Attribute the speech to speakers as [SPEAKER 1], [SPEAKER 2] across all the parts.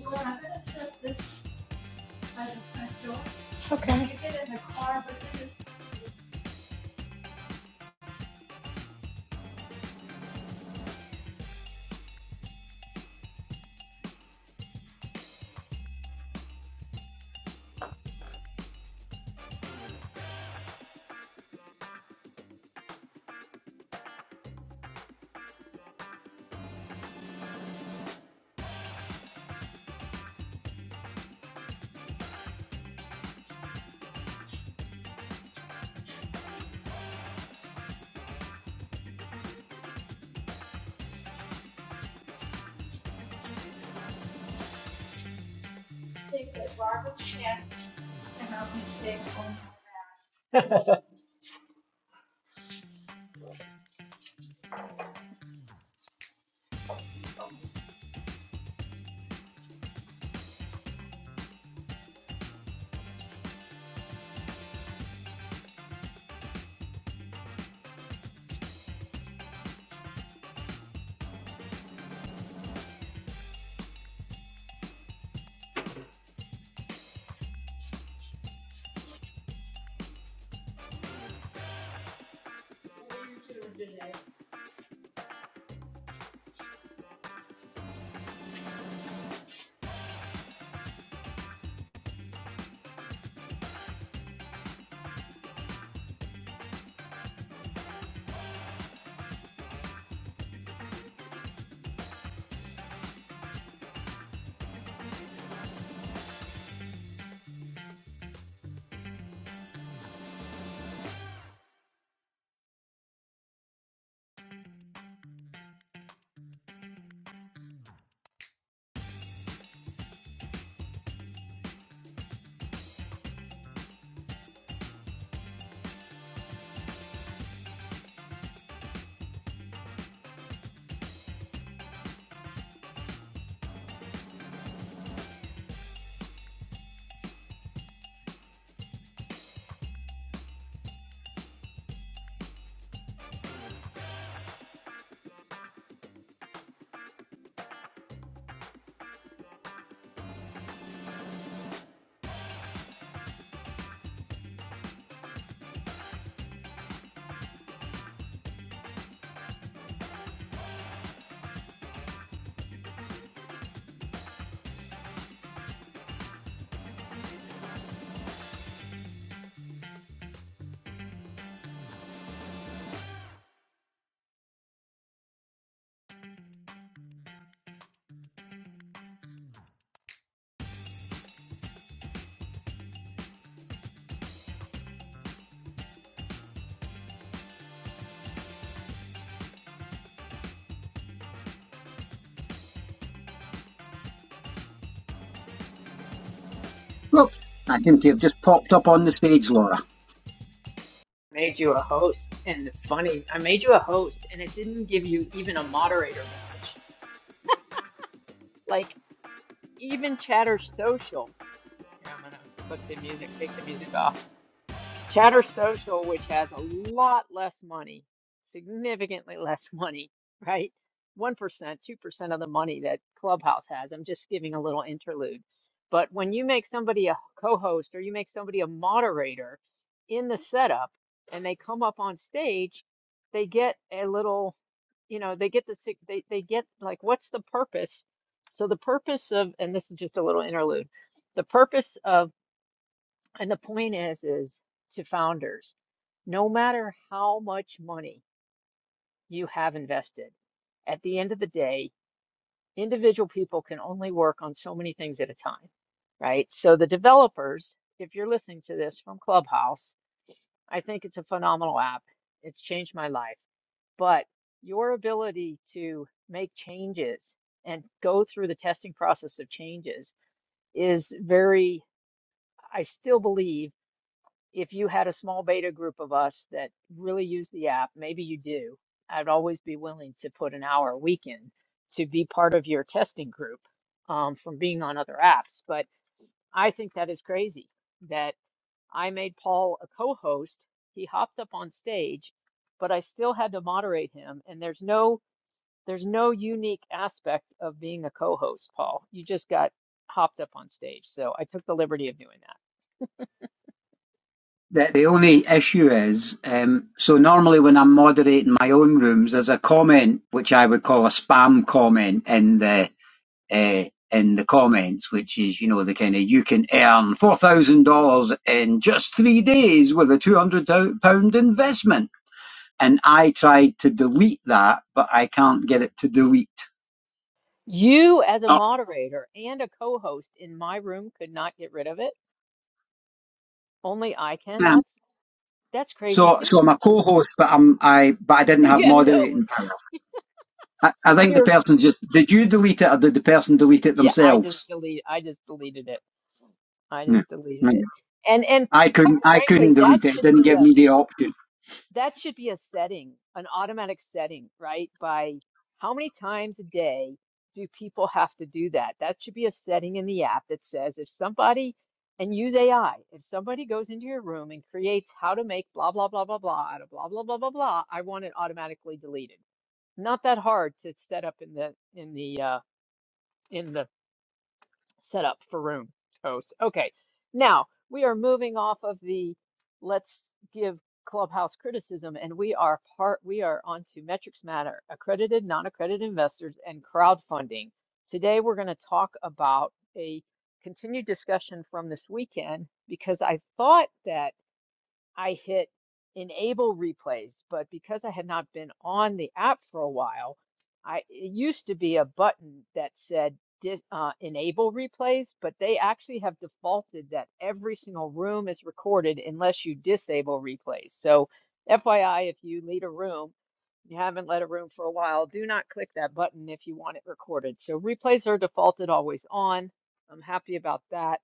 [SPEAKER 1] Well, I'm gonna set this by the front door. Okay. You get in the car, but then just take the garbage can and I'll be thankful.
[SPEAKER 2] Look, I seem to have just popped up on the stage, Laura.
[SPEAKER 1] Made you a host, and it's funny. I made you a host, and it didn't give you even a moderator badge. Like even Chatter Social. Here, I'm gonna click the music, take the music off. Chatter Social, which has a lot less money, significantly less money, right? 1%, 2% of the money that Clubhouse has. I'm just giving a little interlude. But when you make somebody a co host or you make somebody a moderator in the setup and they come up on stage, they get a little, you know, they get the, sig- they, they get like, what's the purpose? So the purpose of, and this is just a little interlude, the purpose of, and the point is, is to founders. No matter how much money you have invested, at the end of the day, individual people can only work on so many things at a time, right? So the developers, if you're listening to this from Clubhouse, I think it's a phenomenal app. It's changed my life. But your ability to make changes and go through the testing process of changes is very, I still believe. if you had a small beta group of us that really use the app, maybe you do, I'd always be willing to put an hour a week in to be part of your testing group um, from being on other apps. But I think that is crazy that I made Paul a co host. He hopped up on stage, but I still had to moderate him. And there's no there's no unique aspect of being a co-host, Paul. You just got hopped up on stage. So I took the liberty of doing that.
[SPEAKER 2] The, the only issue is, um, so normally when I'm moderating my own rooms, there's a comment which I would call a spam comment in the uh, in the comments, which is you know the kind of you can earn four thousand dollars in just three days with a two hundred pound investment, and I tried to delete that, but I can't get it to delete.
[SPEAKER 1] You, as a
[SPEAKER 2] Oh,
[SPEAKER 1] moderator and a co-host in my room, could not get rid of it. Only I can.
[SPEAKER 2] damn.
[SPEAKER 1] That's that's crazy
[SPEAKER 2] So
[SPEAKER 1] too.
[SPEAKER 2] so I'm a co-host, but I'm I but I didn't have
[SPEAKER 1] You have no,
[SPEAKER 2] moderating power. I, I think the
[SPEAKER 1] you're,
[SPEAKER 2] person just did you delete it or did the person delete it
[SPEAKER 1] yeah, I just
[SPEAKER 2] themselves?
[SPEAKER 1] delete, I just deleted it. I
[SPEAKER 2] No.
[SPEAKER 1] just deleted
[SPEAKER 2] No.
[SPEAKER 1] it. And and
[SPEAKER 2] I
[SPEAKER 1] quite
[SPEAKER 2] couldn't I
[SPEAKER 1] frankly,
[SPEAKER 2] couldn't
[SPEAKER 1] that
[SPEAKER 2] delete it. It
[SPEAKER 1] should
[SPEAKER 2] didn't
[SPEAKER 1] be
[SPEAKER 2] give me the option.
[SPEAKER 1] that should be a setting, an automatic setting, right? By how many times a day do people have to do that? That should be a setting in the app that says if somebody, and use AI, if somebody goes into your room and creates how to make blah, blah, blah, blah, blah, out of blah, blah, blah, blah, blah, I want it automatically deleted. Not that hard to set up in the in the uh, in the set up for room toast. Okay, now we are moving off of the let's give Clubhouse criticism, and we are part we are on to metrics matter, accredited, non-accredited investors, and crowdfunding. Today we're going to talk about a continued discussion from this weekend because I thought that. I hit enable replays, but because I had not been on the app for a while, I it used to be a button that said uh, enable replays, but they actually have defaulted that every single room is recorded unless you disable replays. So, FYI, if you lead a room, you haven't led a room for a while, do not click that button if you want it recorded. So, replays are defaulted always on. I'm happy about that.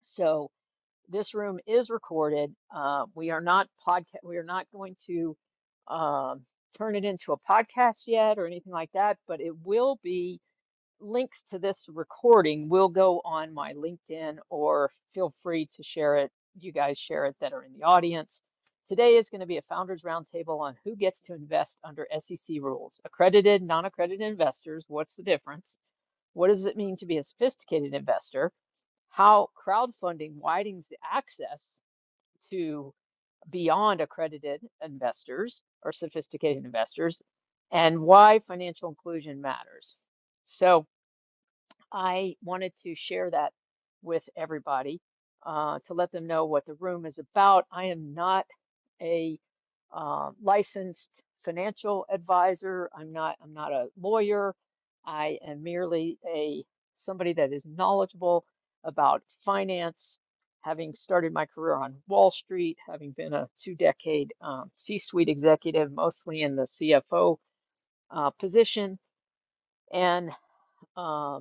[SPEAKER 1] So, this room is recorded. Uh, we are not podcast. We are not going to um, turn it into a podcast yet or anything like that. But it will be links to this recording will go on my LinkedIn or feel free to share it. You guys share it that are in the audience. Today is going to be a founders roundtable on who gets to invest under SEC rules. Accredited, non-accredited investors. What's the difference? What does it mean to be a sophisticated investor? how crowdfunding widens the access to beyond accredited investors or sophisticated investors and why financial inclusion matters. So I wanted to share that with everybody uh, to let them know what the room is about. I am not a um, licensed financial advisor. I'm not. I'm not a lawyer. I am merely a somebody that is knowledgeable about finance, having started my career on Wall Street, having been a two-decade um, C-suite executive, mostly in the CFO uh, position, and uh,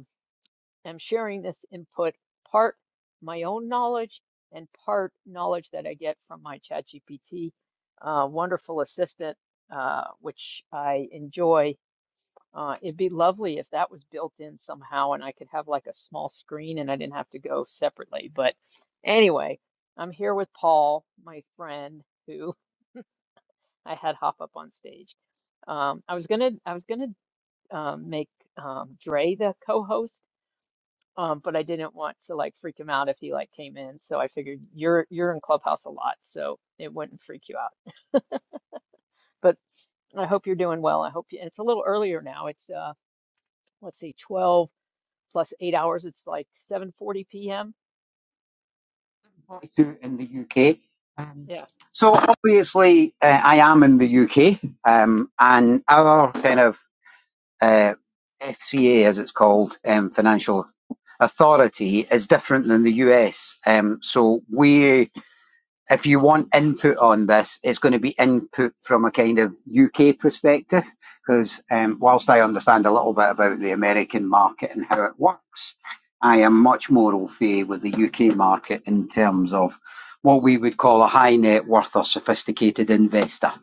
[SPEAKER 1] I'm sharing this input, part my own knowledge and part knowledge that I get from my ChatGPT uh, wonderful assistant, uh, which I enjoy. Uh, it'd be lovely if that was built in somehow and I could have like a small screen and I didn't have to go separately. But anyway, I'm here with Paul, my friend, who I had hop up on stage. Um, I was gonna, I was gonna um, make um, Dre the co-host um, but I didn't want to like freak him out if he like came in, so I figured you're you're in Clubhouse a lot, so it wouldn't freak you out. But I hope you're doing well. I hope you, it's a little earlier now. It's uh let's see, 12 plus 8 hours. It's like 7:40 p.m.
[SPEAKER 2] To in the UK. Um,
[SPEAKER 1] Yeah.
[SPEAKER 2] so obviously uh, I am in the UK um, and our kind of uh, FCA as it's called um, financial authority is different than the US. Um, so we if you want input on this, it's going to be input from a kind of UK perspective, because um, whilst I understand a little bit about the American market and how it works, I am much more au fait with the UK market in terms of what we would call a high net worth or sophisticated investor,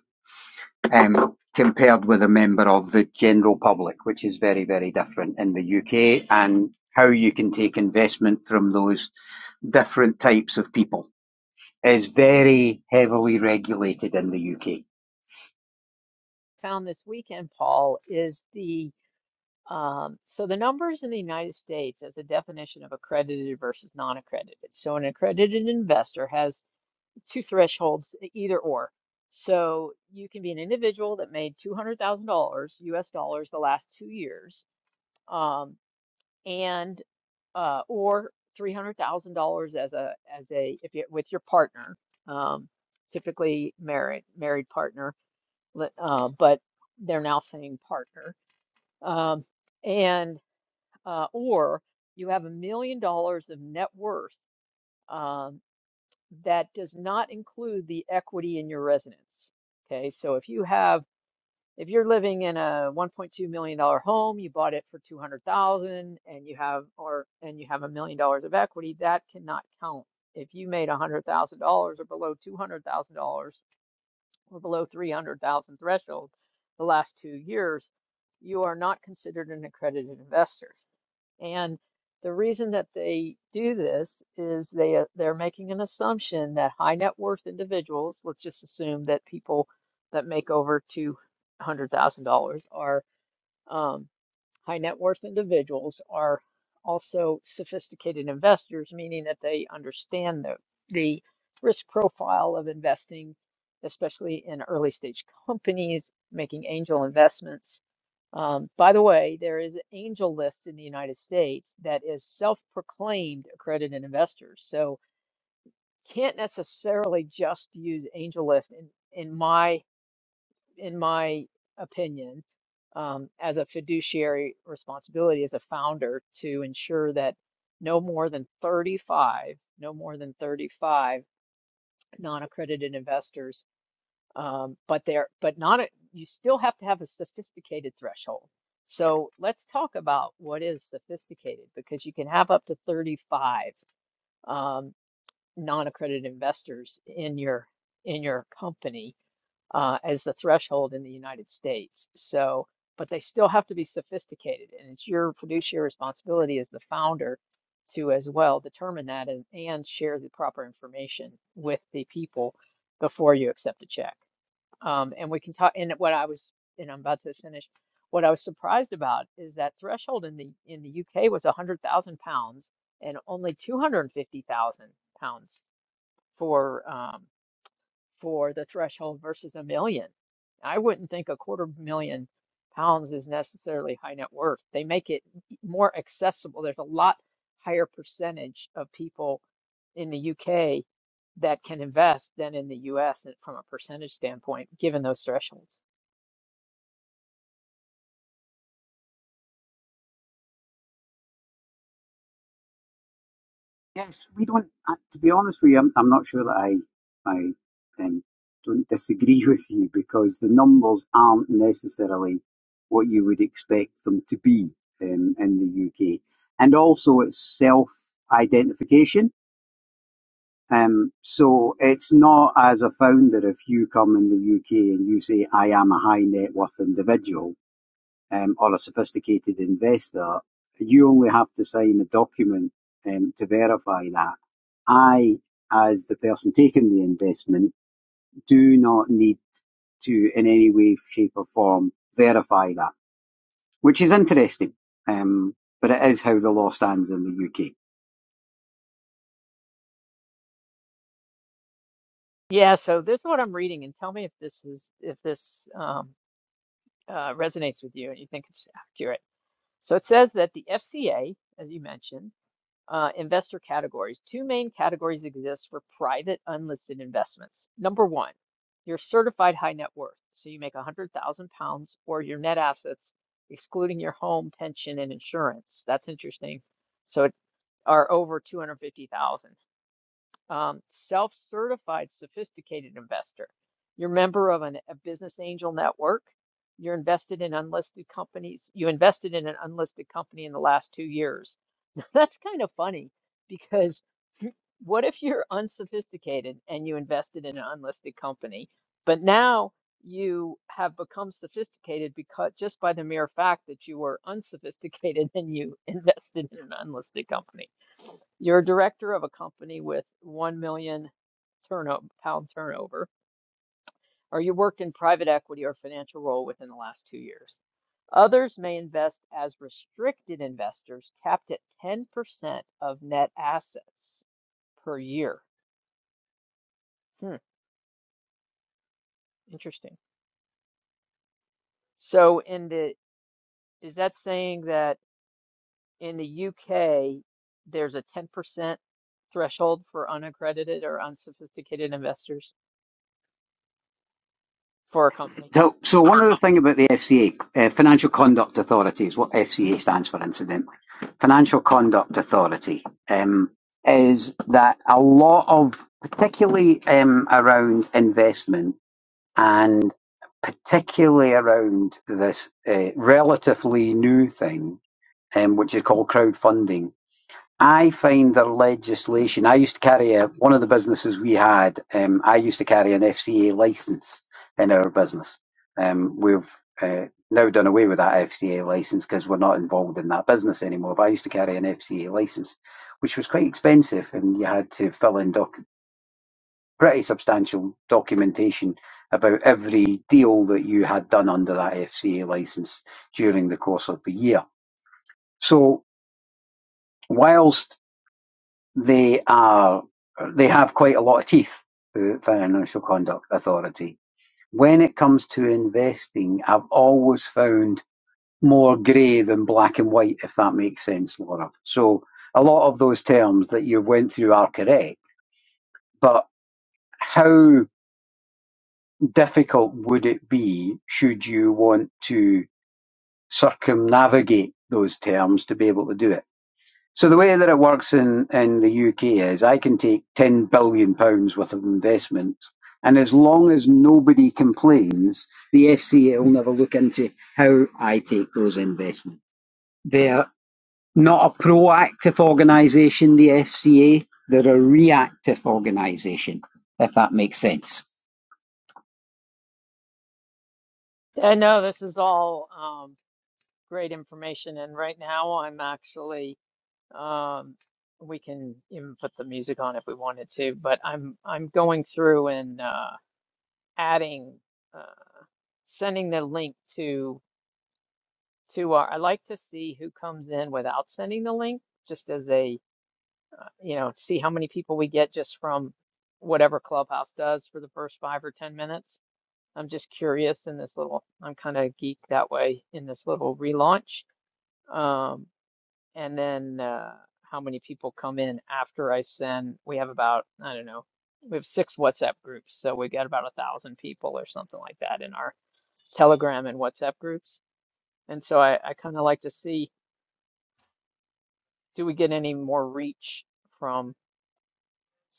[SPEAKER 2] um, compared with a member of the general public, which is very, very different in the UK, and how you can take investment from those different types of people is very heavily regulated in the UK.
[SPEAKER 1] Town this weekend, Paul, is the um so the numbers in the United States as a definition of accredited versus non-accredited. So an accredited investor has two thresholds, e- either or. So you can be an individual that made two hundred thousand dollars U.S. dollars the last two years, um, and uh, or three hundred thousand dollars as a as a if you with your partner, um, typically married married partner, uh, but they're now saying partner, um, and uh, or you have a million dollars of net worth um, that does not include the equity in your residence. Okay, so if you have, if you're living in a 1.2 million dollar home, you bought it for 200,000 and you have or and you have a million dollars of equity, that cannot count. If you made $100,000 or below $200,000 or below 300,000 threshold the last 2 years, you are not considered an accredited investor. And the reason that they do this is they uh, they're making an assumption that high net worth individuals, let's just assume that people that make over two hundred thousand dollars are um, high net worth individuals are also sophisticated investors, meaning that they understand the the risk profile of investing, especially in early stage companies, making angel investments um, by the way, there is an angel list in the United States that is self-proclaimed accredited investors. So can't necessarily just use angel list in in my in my opinion um, as a fiduciary responsibility as a founder to ensure that no more than 35, no more than 35 non-accredited investors um, but there, but not a, you still have to have a sophisticated threshold. So let's talk about what is sophisticated because you can have up to 35 um, non-accredited investors in your in your company uh, as the threshold in the United States. So, but they still have to be sophisticated, and it's your fiduciary responsibility as the founder to as well determine that and, and share the proper information with the people before you accept a check. Um, and we can talk, and what I was, and I'm about to finish, what I was surprised about is that threshold in the in the UK was 100,000 pounds and only 250,000 pounds for um, for the threshold versus a million. I wouldn't think a quarter million pounds is necessarily high net worth. They make it more accessible. There's a lot higher percentage of people in the UK that can invest than in the US and from a percentage standpoint, given those thresholds.
[SPEAKER 2] Yes, we don't. To be honest with you, I'm, I'm not sure that I I um, don't disagree with you because the numbers aren't necessarily what you would expect them to be um, in the UK, and also it's self-identification. Um, so it's not as a founder if you come in the UK and you say I am a high net worth individual um, or a sophisticated investor, you only have to sign a document um, to verify that. I, as the person taking the investment, do not need to in any way, shape or form verify that, which is interesting. Um, but it is how the law stands in the UK.
[SPEAKER 1] Yeah, so this is what I'm reading, and tell me if this is if this um, uh, resonates with you and you think it's accurate. So it says that the FCA, as you mentioned, uh, investor categories, two main categories exist for private unlisted investments. Number one, you're certified high net worth, so you make 100,000 pounds or your net assets, excluding your home, pension, and insurance. That's interesting. So it are over 250,000 um, self-certified sophisticated investor. You're a member of an, a business angel network. You're invested in unlisted companies. You invested in an unlisted company in the last two years. That's kind of funny because what if you're unsophisticated and you invested in an unlisted company, but now you have become sophisticated because just by the mere fact that you were unsophisticated and you invested in an unlisted company. You're a director of a company with 1 million turnover, pound turnover, or you worked in private equity or financial role within the last two years. Others may invest as restricted investors, capped at 10% of net assets per year. Hmm, interesting. So in the is that saying that in the UK there's a 10% threshold for unaccredited or unsophisticated investors for a company?
[SPEAKER 2] So, so one other thing about the FCA, uh, Financial Conduct Authority is what FCA stands for, incidentally. Financial Conduct Authority um, is that a lot of, particularly um, around investment and particularly around this uh, relatively new thing, um, which is called crowdfunding, I find their legislation. I used to carry a one of the businesses we had. Um, I used to carry an FCA license in our business. Um, we've uh, now done away with that FCA license because we're not involved in that business anymore. But I used to carry an FCA license, which was quite expensive, and you had to fill in doc- pretty substantial documentation about every deal that you had done under that FCA license during the course of the year. So whilst They are they have quite a lot of teeth. The Financial Conduct Authority. When it comes to investing, I've always found more grey than black and white, if that makes sense, Laura. So a lot of those terms that you went through are correct, but how difficult would it be should you want to circumnavigate those terms to be able to do it? So the way that it works in, in the UK is I can take ten billion pounds worth of investments, and as long as nobody complains, the FCA will never look into how I take those investments. They're not a proactive organisation, the FCA. They're a reactive organisation, if that makes sense.
[SPEAKER 1] And no, this is all um, great information. And right now, I'm actually um, we can even put the music on if we wanted to, but I'm I'm going through and uh, adding, uh, sending the link to to our. I like to see who comes in without sending the link, just as a uh, you know, see how many people we get just from whatever Clubhouse does for the first five or ten minutes. I'm just curious in this little. I'm kind of geek that way in this little relaunch. Um, and then uh, how many people come in after I send. We have about, I don't know, we have six WhatsApp groups, so we got about a thousand people or something like that in our Telegram and WhatsApp groups. And so I, I kind of like to see, do we get any more reach from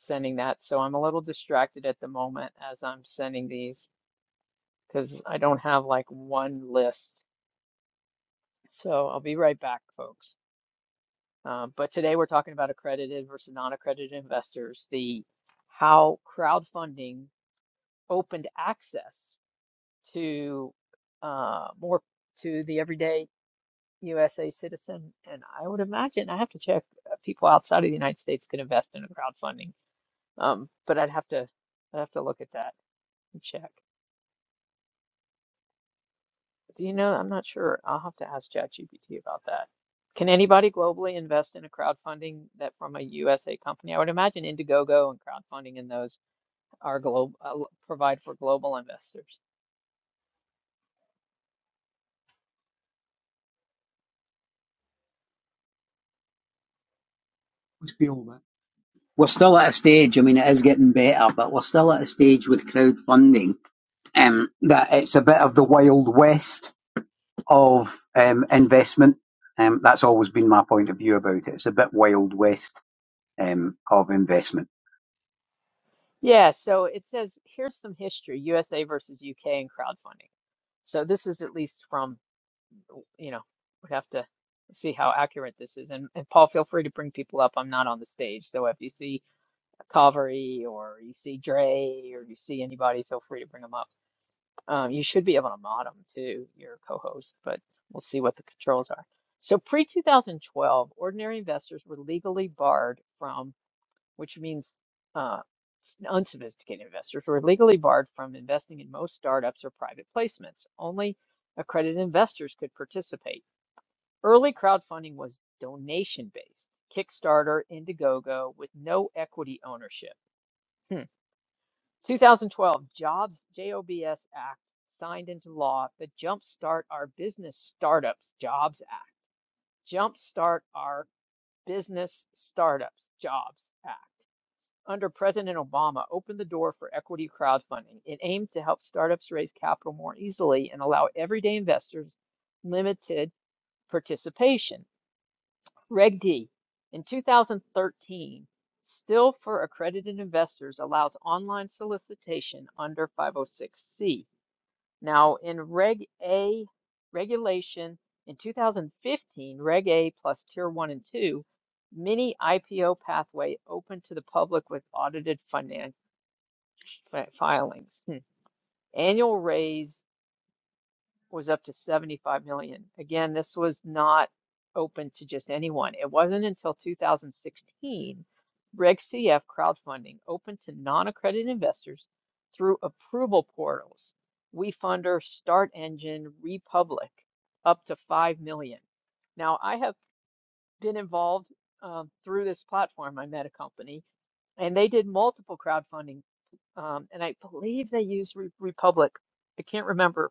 [SPEAKER 1] sending that? So I'm a little distracted at the moment as I'm sending these because I don't have like one list. So I'll be right back, folks. Um, but today we're talking about accredited versus non-accredited investors, the how crowdfunding opened access to uh, more to the everyday USA citizen, and I would imagine I have to check uh, people outside of the United States could invest in a crowdfunding, um, but I'd have to I'd have to look at that and check. Do you know? I'm not sure. I'll have to ask ChatGPT about that. Can anybody globally invest in a crowdfunding that from a USA company? I would imagine Indiegogo and crowdfunding and those are global uh, lo- provide for global investors.
[SPEAKER 2] let be all that. We're still at a stage. I mean, it is getting better, but we're still at a stage with crowdfunding um, that it's a bit of the wild west of um, investment. Um, that's always been my point of view about it. It's a bit wild west um, of investment.
[SPEAKER 1] Yeah, so it says here's some history, USA versus UK and crowdfunding. So this is at least from, you know, we have to see how accurate this is. And, and Paul, feel free to bring people up. I'm not on the stage. So if you see Calvary or you see Dre or you see anybody, feel free to bring them up. Um, you should be able to mod them to your co-host, but we'll see what the controls are. So pre-2012, ordinary investors were legally barred from, which means uh, s- unsophisticated investors were legally barred from investing in most startups or private placements. Only accredited investors could participate. Early crowdfunding was donation-based, Kickstarter, Indiegogo, with no equity ownership. Hmm. 2012 Jobs JOBS J O B S Act signed into law the Jumpstart Our Business Startups Jobs Act. Jumpstart Our Business Startups Jobs Act under President Obama opened the door for equity crowdfunding. It aimed to help startups raise capital more easily and allow everyday investors limited participation. Reg D, in 2013, still for accredited investors allows online solicitation under 506C. Now, in Reg A regulation in 2015, Reg A plus Tier 1 and 2, mini IPO pathway open to the public with audited finan- fi- filings. Hmm. Annual raise was up to 75 million. Again, this was not open to just anyone. It wasn't until 2016 Reg CF crowdfunding opened to non-accredited investors through approval portals. WeFunder, Start Engine, Republic, up to 5 million. Now, I have been involved um, through this platform. I met a company and they did multiple crowdfunding, um, and I believe they used Re Republic. I can't remember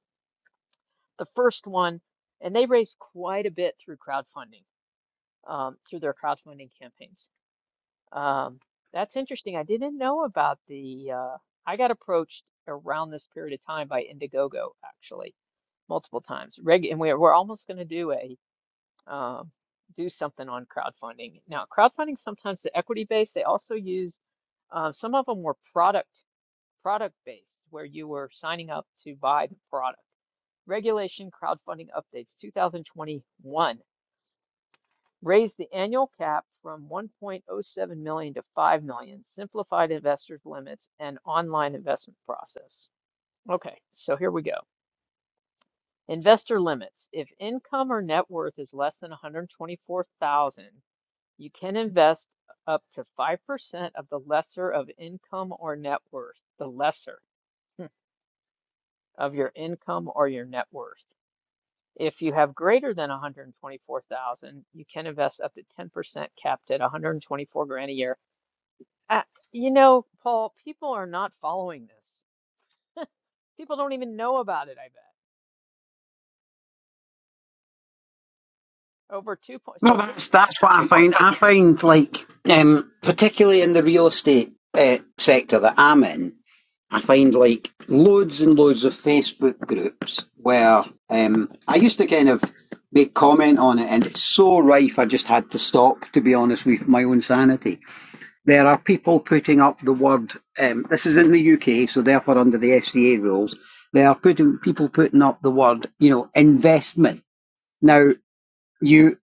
[SPEAKER 1] the first one, and they raised quite a bit through crowdfunding, um, through their crowdfunding campaigns. Um, that's interesting. I didn't know about the, uh, I got approached around this period of time by Indiegogo, actually, multiple times. Reg, and we're, we're almost going to do a, um, do something on crowdfunding. Now, crowdfunding sometimes the equity based, they also use, uh, some of them were product, product based, where you were signing up to buy the product. Regulation crowdfunding updates 2021 raised the annual cap from 1.07 million dollars to 5 million, dollars, simplified investors limits and online investment process. Okay, so here we go. Investor limits. If income or net worth is less than 124,000, you can invest up to 5% of the lesser of income or net worth. The lesser hmm, of your income or your net worth. If you have greater than 124,000, you can invest up to 10% capped at 124 grand a year. Uh, you know, Paul, people are not following this. People don't even know about it, I bet. Over two point, so
[SPEAKER 2] No,
[SPEAKER 1] in,
[SPEAKER 2] that's that's what I
[SPEAKER 1] yeah,
[SPEAKER 2] find. I find like um, particularly in the real estate uh, sector that I'm in, I find like loads and loads of Facebook groups where um, I used to kind of make comment on it, and it's so rife. I just had to stop, to be honest, with my own sanity There are people putting up the word. Um, this is in the UK, so therefore under the FCA rules, there are putting people putting up the word. You know, investment. Now, you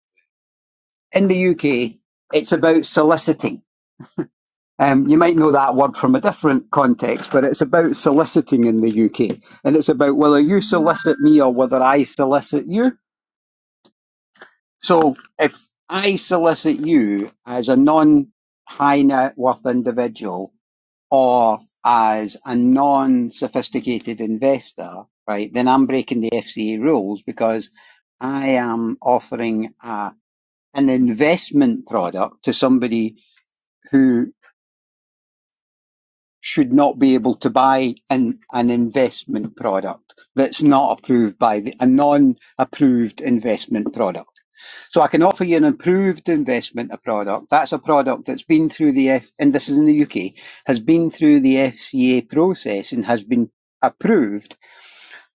[SPEAKER 2] in the UK, it's about soliciting. Um, you might know that word from a different context, but it's about soliciting in the UK, and it's about whether you solicit me or whether I solicit you. So if I solicit you as a non-high net worth individual or as a non-sophisticated investor, right, then I'm breaking the FCA rules because I am offering a, an investment product to somebody who should not be able to buy an, an investment product that's not approved by the, a non-approved investment product. So I can offer you an approved investment a product. That's a product that's been through the F, and this is in the UK, has been through the FCA process and has been approved.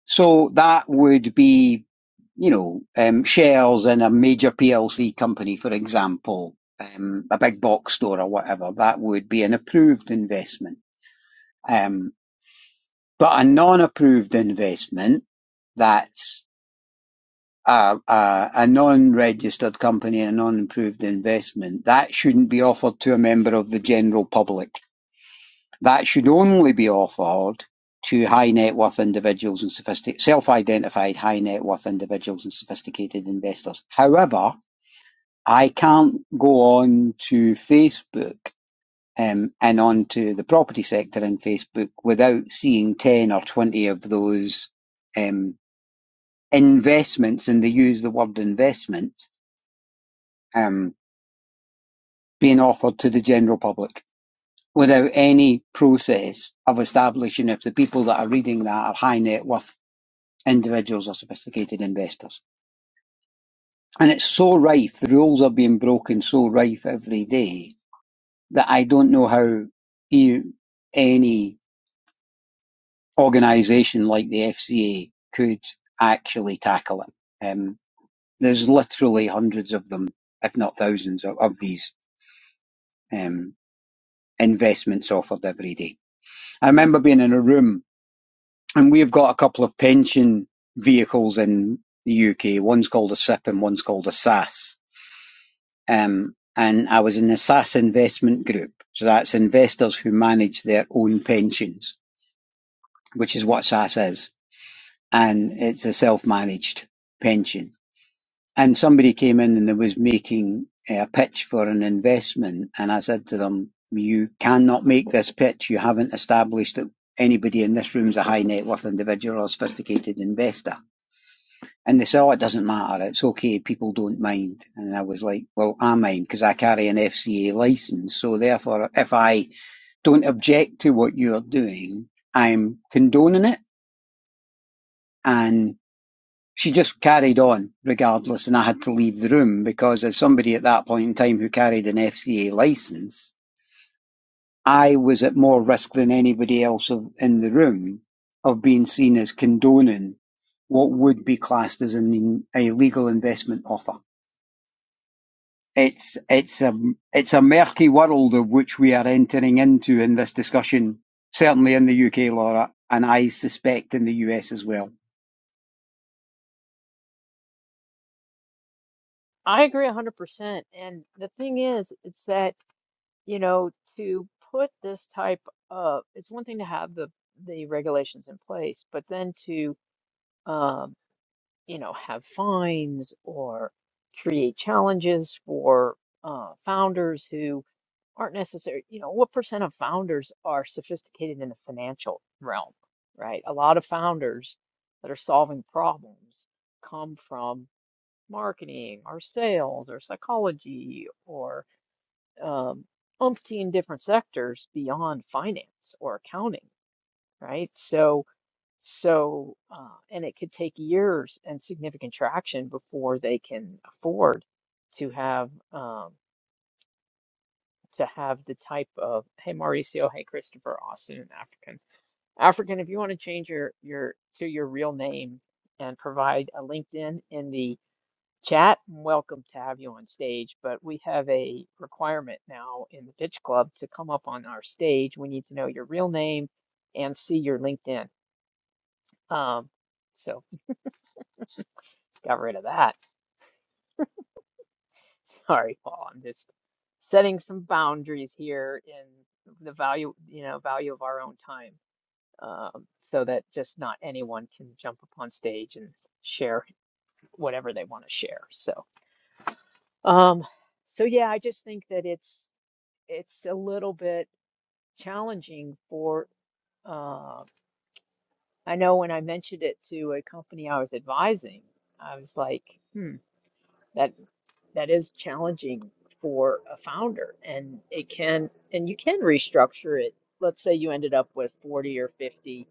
[SPEAKER 2] So that would be, you know, um, shares in a major PLC company, for example, um, a big box store or whatever. That would be an approved investment. Um, but a non-approved investment, that's a, a, a non-registered company, a non-approved investment, that shouldn't be offered to a member of the general public. That should only be offered to high net worth individuals and sophisticated, self-identified high net worth individuals and sophisticated investors. However, I can't go on to Facebook um, and onto the property sector in Facebook without seeing 10 or 20 of those um, investments, and they use the word investment, um, being offered to the general public without any process of establishing if the people that are reading that are high net worth individuals or sophisticated investors. And it's so rife, the rules are being broken so rife every day that I don't know how you, any organisation like the FCA could actually tackle it. Um, there's literally hundreds of them, if not thousands, of, of these. Um, investments offered every day. I remember being in a room and we've got a couple of pension vehicles in the UK. One's called a SIP and one's called a SAS. Um, and I was in the SAS investment group. So that's investors who manage their own pensions, which is what SAS is. And it's a self-managed pension. and somebody came in and they was making a pitch for an investment and I said to them, you cannot make this pitch. You haven't established that anybody in this room is a high net worth individual or sophisticated investor. And they said, oh, it doesn't matter. It's okay. People don't mind. And I was like, well, I mind because I carry an FCA license. So therefore, if I don't object to what you're doing, I'm condoning it. and she just carried on regardless, and I had to leave the room because, as somebody at that point in time who carried an FCA license, I was at more risk than anybody else of, in the room of being seen as condoning what would be classed as an illegal investment offer. It's it's a it's a murky world of which we are entering into in this discussion, certainly in the UK, Laura, and I suspect in the US as well.
[SPEAKER 1] I agree 100%. And the thing is, it's that, you know, to put this type of, it's one thing to have the the regulations in place, but then to um, you know, have fines or create challenges for uh, founders who aren't necessarily, you know, what percent of founders are sophisticated in the financial realm, right? A lot of founders that are solving problems come from marketing or sales or psychology or um, umpteen different sectors beyond finance or accounting, right? So, so, uh, and it could take years and significant traction before they can afford to have um, to have the type of, hey Mauricio, hey Christopher, Austin, and African. African, if you want to change your your to your real name and provide a LinkedIn in the chat, I'm welcome to have you on stage. But we have a requirement now in the Pitch Club to come up on our stage. We need to know your real name and see your LinkedIn. Um, so let's rid of that. Sorry, Paul. I'm just setting some boundaries here in the value, you know, value of our own time, um, so that just not anyone can jump up on stage and share whatever they want to share. So, um, so yeah, I just think that it's it's a little bit challenging for. Uh, I know when I mentioned it to a company I was advising, I was like, hmm. that that is challenging for a founder and it can and you can restructure it let's say you ended up with 40 or 50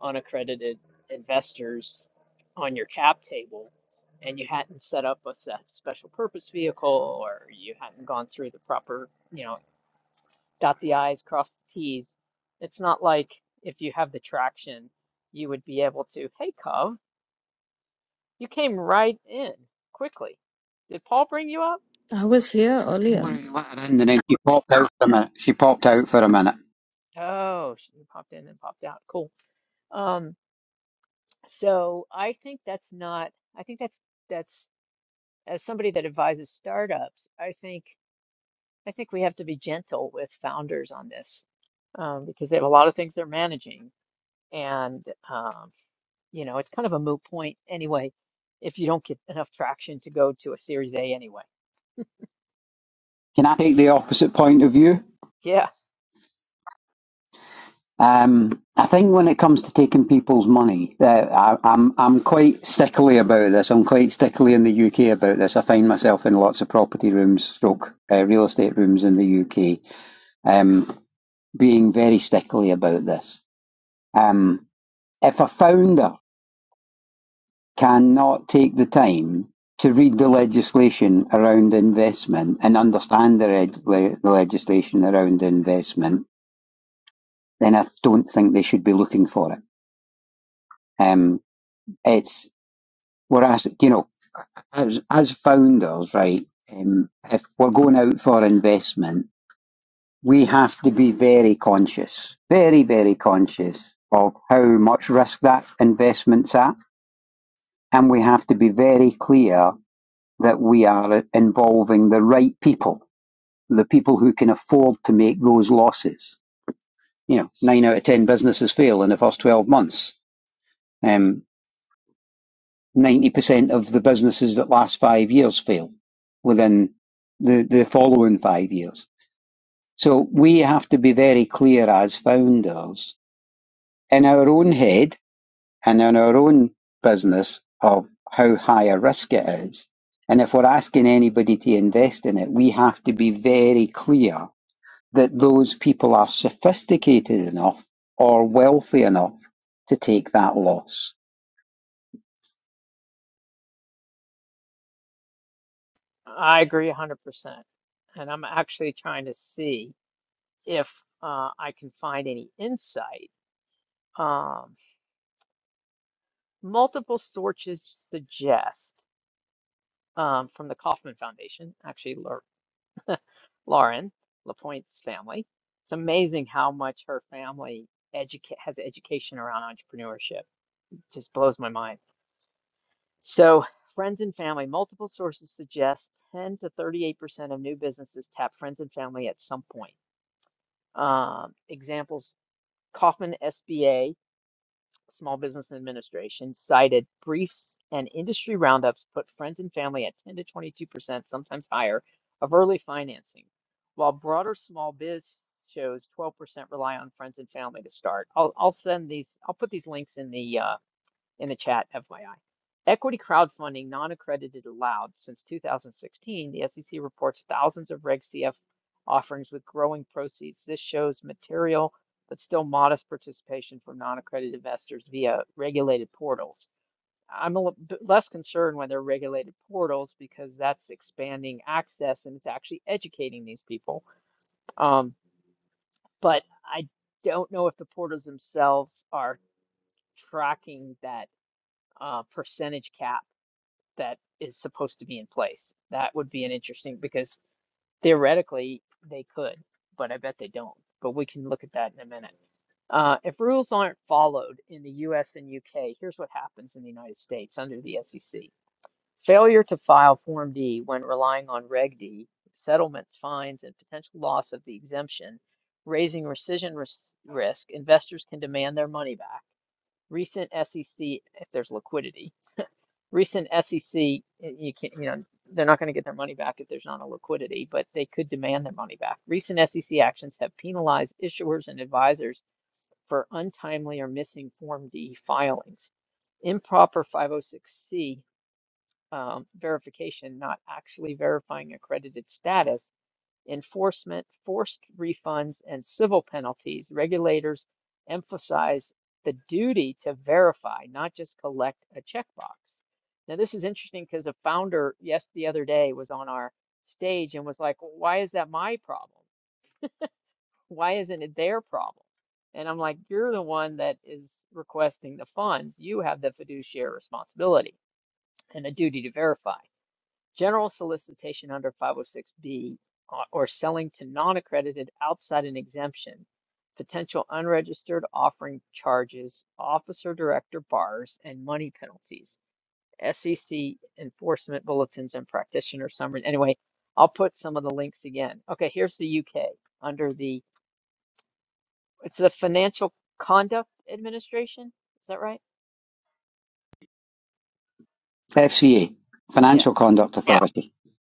[SPEAKER 1] unaccredited investors on your cap table and you hadn't set up a se- special purpose vehicle or you hadn't gone through the proper you know dot the i's cross the t's it's not like if you have the traction you would be able to hey cove you came right in quickly did paul bring you up
[SPEAKER 3] I was here earlier.
[SPEAKER 2] Lori, let her in, and then she popped out for a minute. She popped out for a minute.
[SPEAKER 1] Oh, she popped in and popped out. Cool. Um, so I think that's not, I think that's that's as somebody that advises startups, I think I think we have to be gentle with founders on this um, because they have a lot of things they're managing, and um, you know, it's kind of a moot point anyway if you don't get enough traction to go to a Series A anyway.
[SPEAKER 2] Can I take the opposite point of view?
[SPEAKER 1] Yeah,
[SPEAKER 2] Um, I think when it comes to taking people's money, uh, I, I'm I'm quite stickly about this. I'm quite stickly in the UK about this. I find myself in lots of property rooms, stroke uh, real estate rooms in the UK, um, being very stickly about this. Um, if a founder cannot take the time to read the legislation around investment and understand the, reg- le- the legislation around investment, then I don't think they should be looking for it. Um, it's we're asking you know, as as founders, right? Um, if we're going out for investment, we have to be very conscious, very very conscious of how much risk that investment's at, and we have to be very clear that we are involving the right people, the people who can afford to make those losses. You know, nine out of ten businesses fail in the first twelve months. Um, ninety percent of the businesses that last five years fail within the, the following five years. So we have to be very clear as founders in our own head and in our own business of how high a risk it is. And if we're asking anybody to invest in it, we have to be very clear that those people are sophisticated enough or wealthy enough to take that loss.
[SPEAKER 1] I agree 100%. And I'm actually trying to see if uh, I can find any insight. um, multiple sources suggest um, from the Kauffman Foundation, actually Lau- Lauren LaPointe's family. It's amazing how much her family educa- has education around entrepreneurship. It just blows my mind. So, friends and family, multiple sources suggest 10 to 38% of new businesses tap friends and family at some point. Um, examples Kauffman SBA Small Business Administration cited briefs and industry roundups put friends and family at 10 to 22%, sometimes higher, of early financing, while broader small biz shows 12% rely on friends and family to start. I'll, I'll send these, I'll put these links in the uh, in the chat, FYI. Equity crowdfunding, non-accredited allowed. Since 2016, the SEC reports thousands of Reg CF offerings with growing proceeds. This shows material but still modest participation from non-accredited investors via regulated portals. I'm a little bit less concerned when they're regulated portals because that's expanding access and it's actually educating these people. Um, but I don't know if the portals themselves are tracking that uh, percentage cap that is supposed to be in place. That would be an interesting because theoretically they could, but I bet they don't. But we can look at that in a minute. Uh, if rules aren't followed in the US and UK, here's what happens in the United States under the SEC. Failure to file Form D when relying on Reg D, settlements, fines, and potential loss of the exemption, raising rescission ris- risk, investors can demand their money back. Recent SEC, if there's liquidity, recent SEC, you can you know, they're not going to get their money back if there's not a liquidity, but they could demand their money back. Recent SEC actions have penalized issuers and advisors for untimely or missing Form D filings. Improper 506C um, verification, not actually verifying accredited status, enforcement, forced refunds, and civil penalties, regulators emphasize the duty to verify, not just collect a checkbox. Now, this is interesting because the founder, yes, the other day was on our stage and was like, Why is that my problem? Why isn't it their problem? And I'm like, You're the one that is requesting the funds. You have the fiduciary responsibility and the duty to verify. General solicitation under 506B uh, or selling to non-accredited outside an exemption, potential unregistered offering charges, officer director bars, and money penalties. SEC enforcement bulletins and practitioner summary. Anyway, I'll put some of the links again. Okay, here's the UK under the, it's the Financial Conduct Administration. Is that right?
[SPEAKER 2] FCA,
[SPEAKER 1] Yeah.
[SPEAKER 2] Financial Conduct Yeah. Authority.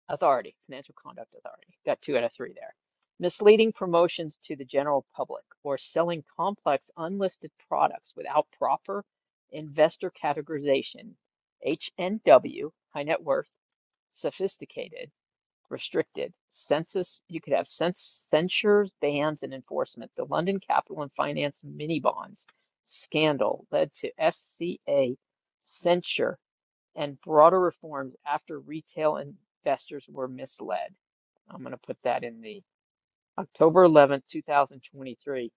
[SPEAKER 1] authority, Financial Conduct Authority. Got two out of three there. Misleading promotions to the general public or selling complex unlisted products without proper investor categorization, HNW, high net worth, sophisticated, restricted, census, you could have cens- censures, bans, and enforcement. The London Capital and Finance mini bonds scandal led to FCA censure and broader reforms after retail investors were misled. I'm going to put that in the October 11th, 2023.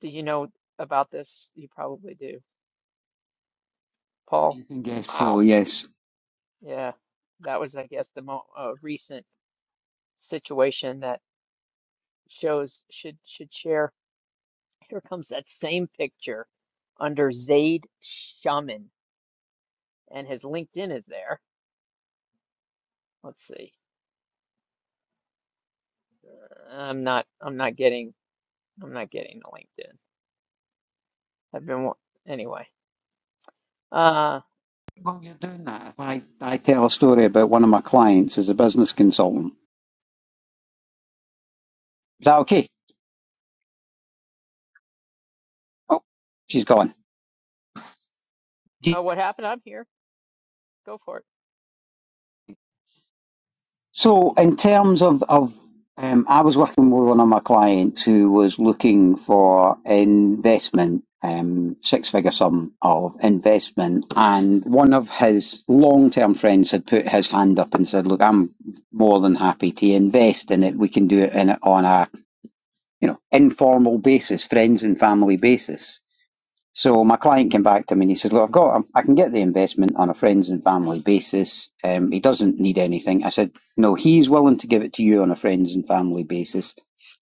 [SPEAKER 1] Do you know about this? You probably do. Paul?
[SPEAKER 2] You can guess, Paul, yes.
[SPEAKER 1] Yeah. That was, I guess, the mo uh, recent situation that shows should should share. Here comes that same picture under Zaid Shaman, and his LinkedIn is there. Let's see. I'm not. I'm not getting. I'm not getting the LinkedIn. I've been. wa- Anyway. Uh,
[SPEAKER 2] Well, you're doing that. If I, I tell a story about one of my clients as a business consultant, is that okay? Oh, she's gone.
[SPEAKER 1] oh, what happened? I'm here. Go for it.
[SPEAKER 2] So, in terms of, of um, I was working with one of my clients who was looking for investment, um, six figure sum of investment, and one of his long term friends had put his hand up and said, Look, I'm more than happy to invest in it. We can do it in, on a you know, informal basis, friends and family basis. So my client came back to me and he said, "Look, I've got, I can get the investment on a friends and family basis. Um, he doesn't need anything." I said, "No, he's willing to give it to you on a friends and family basis,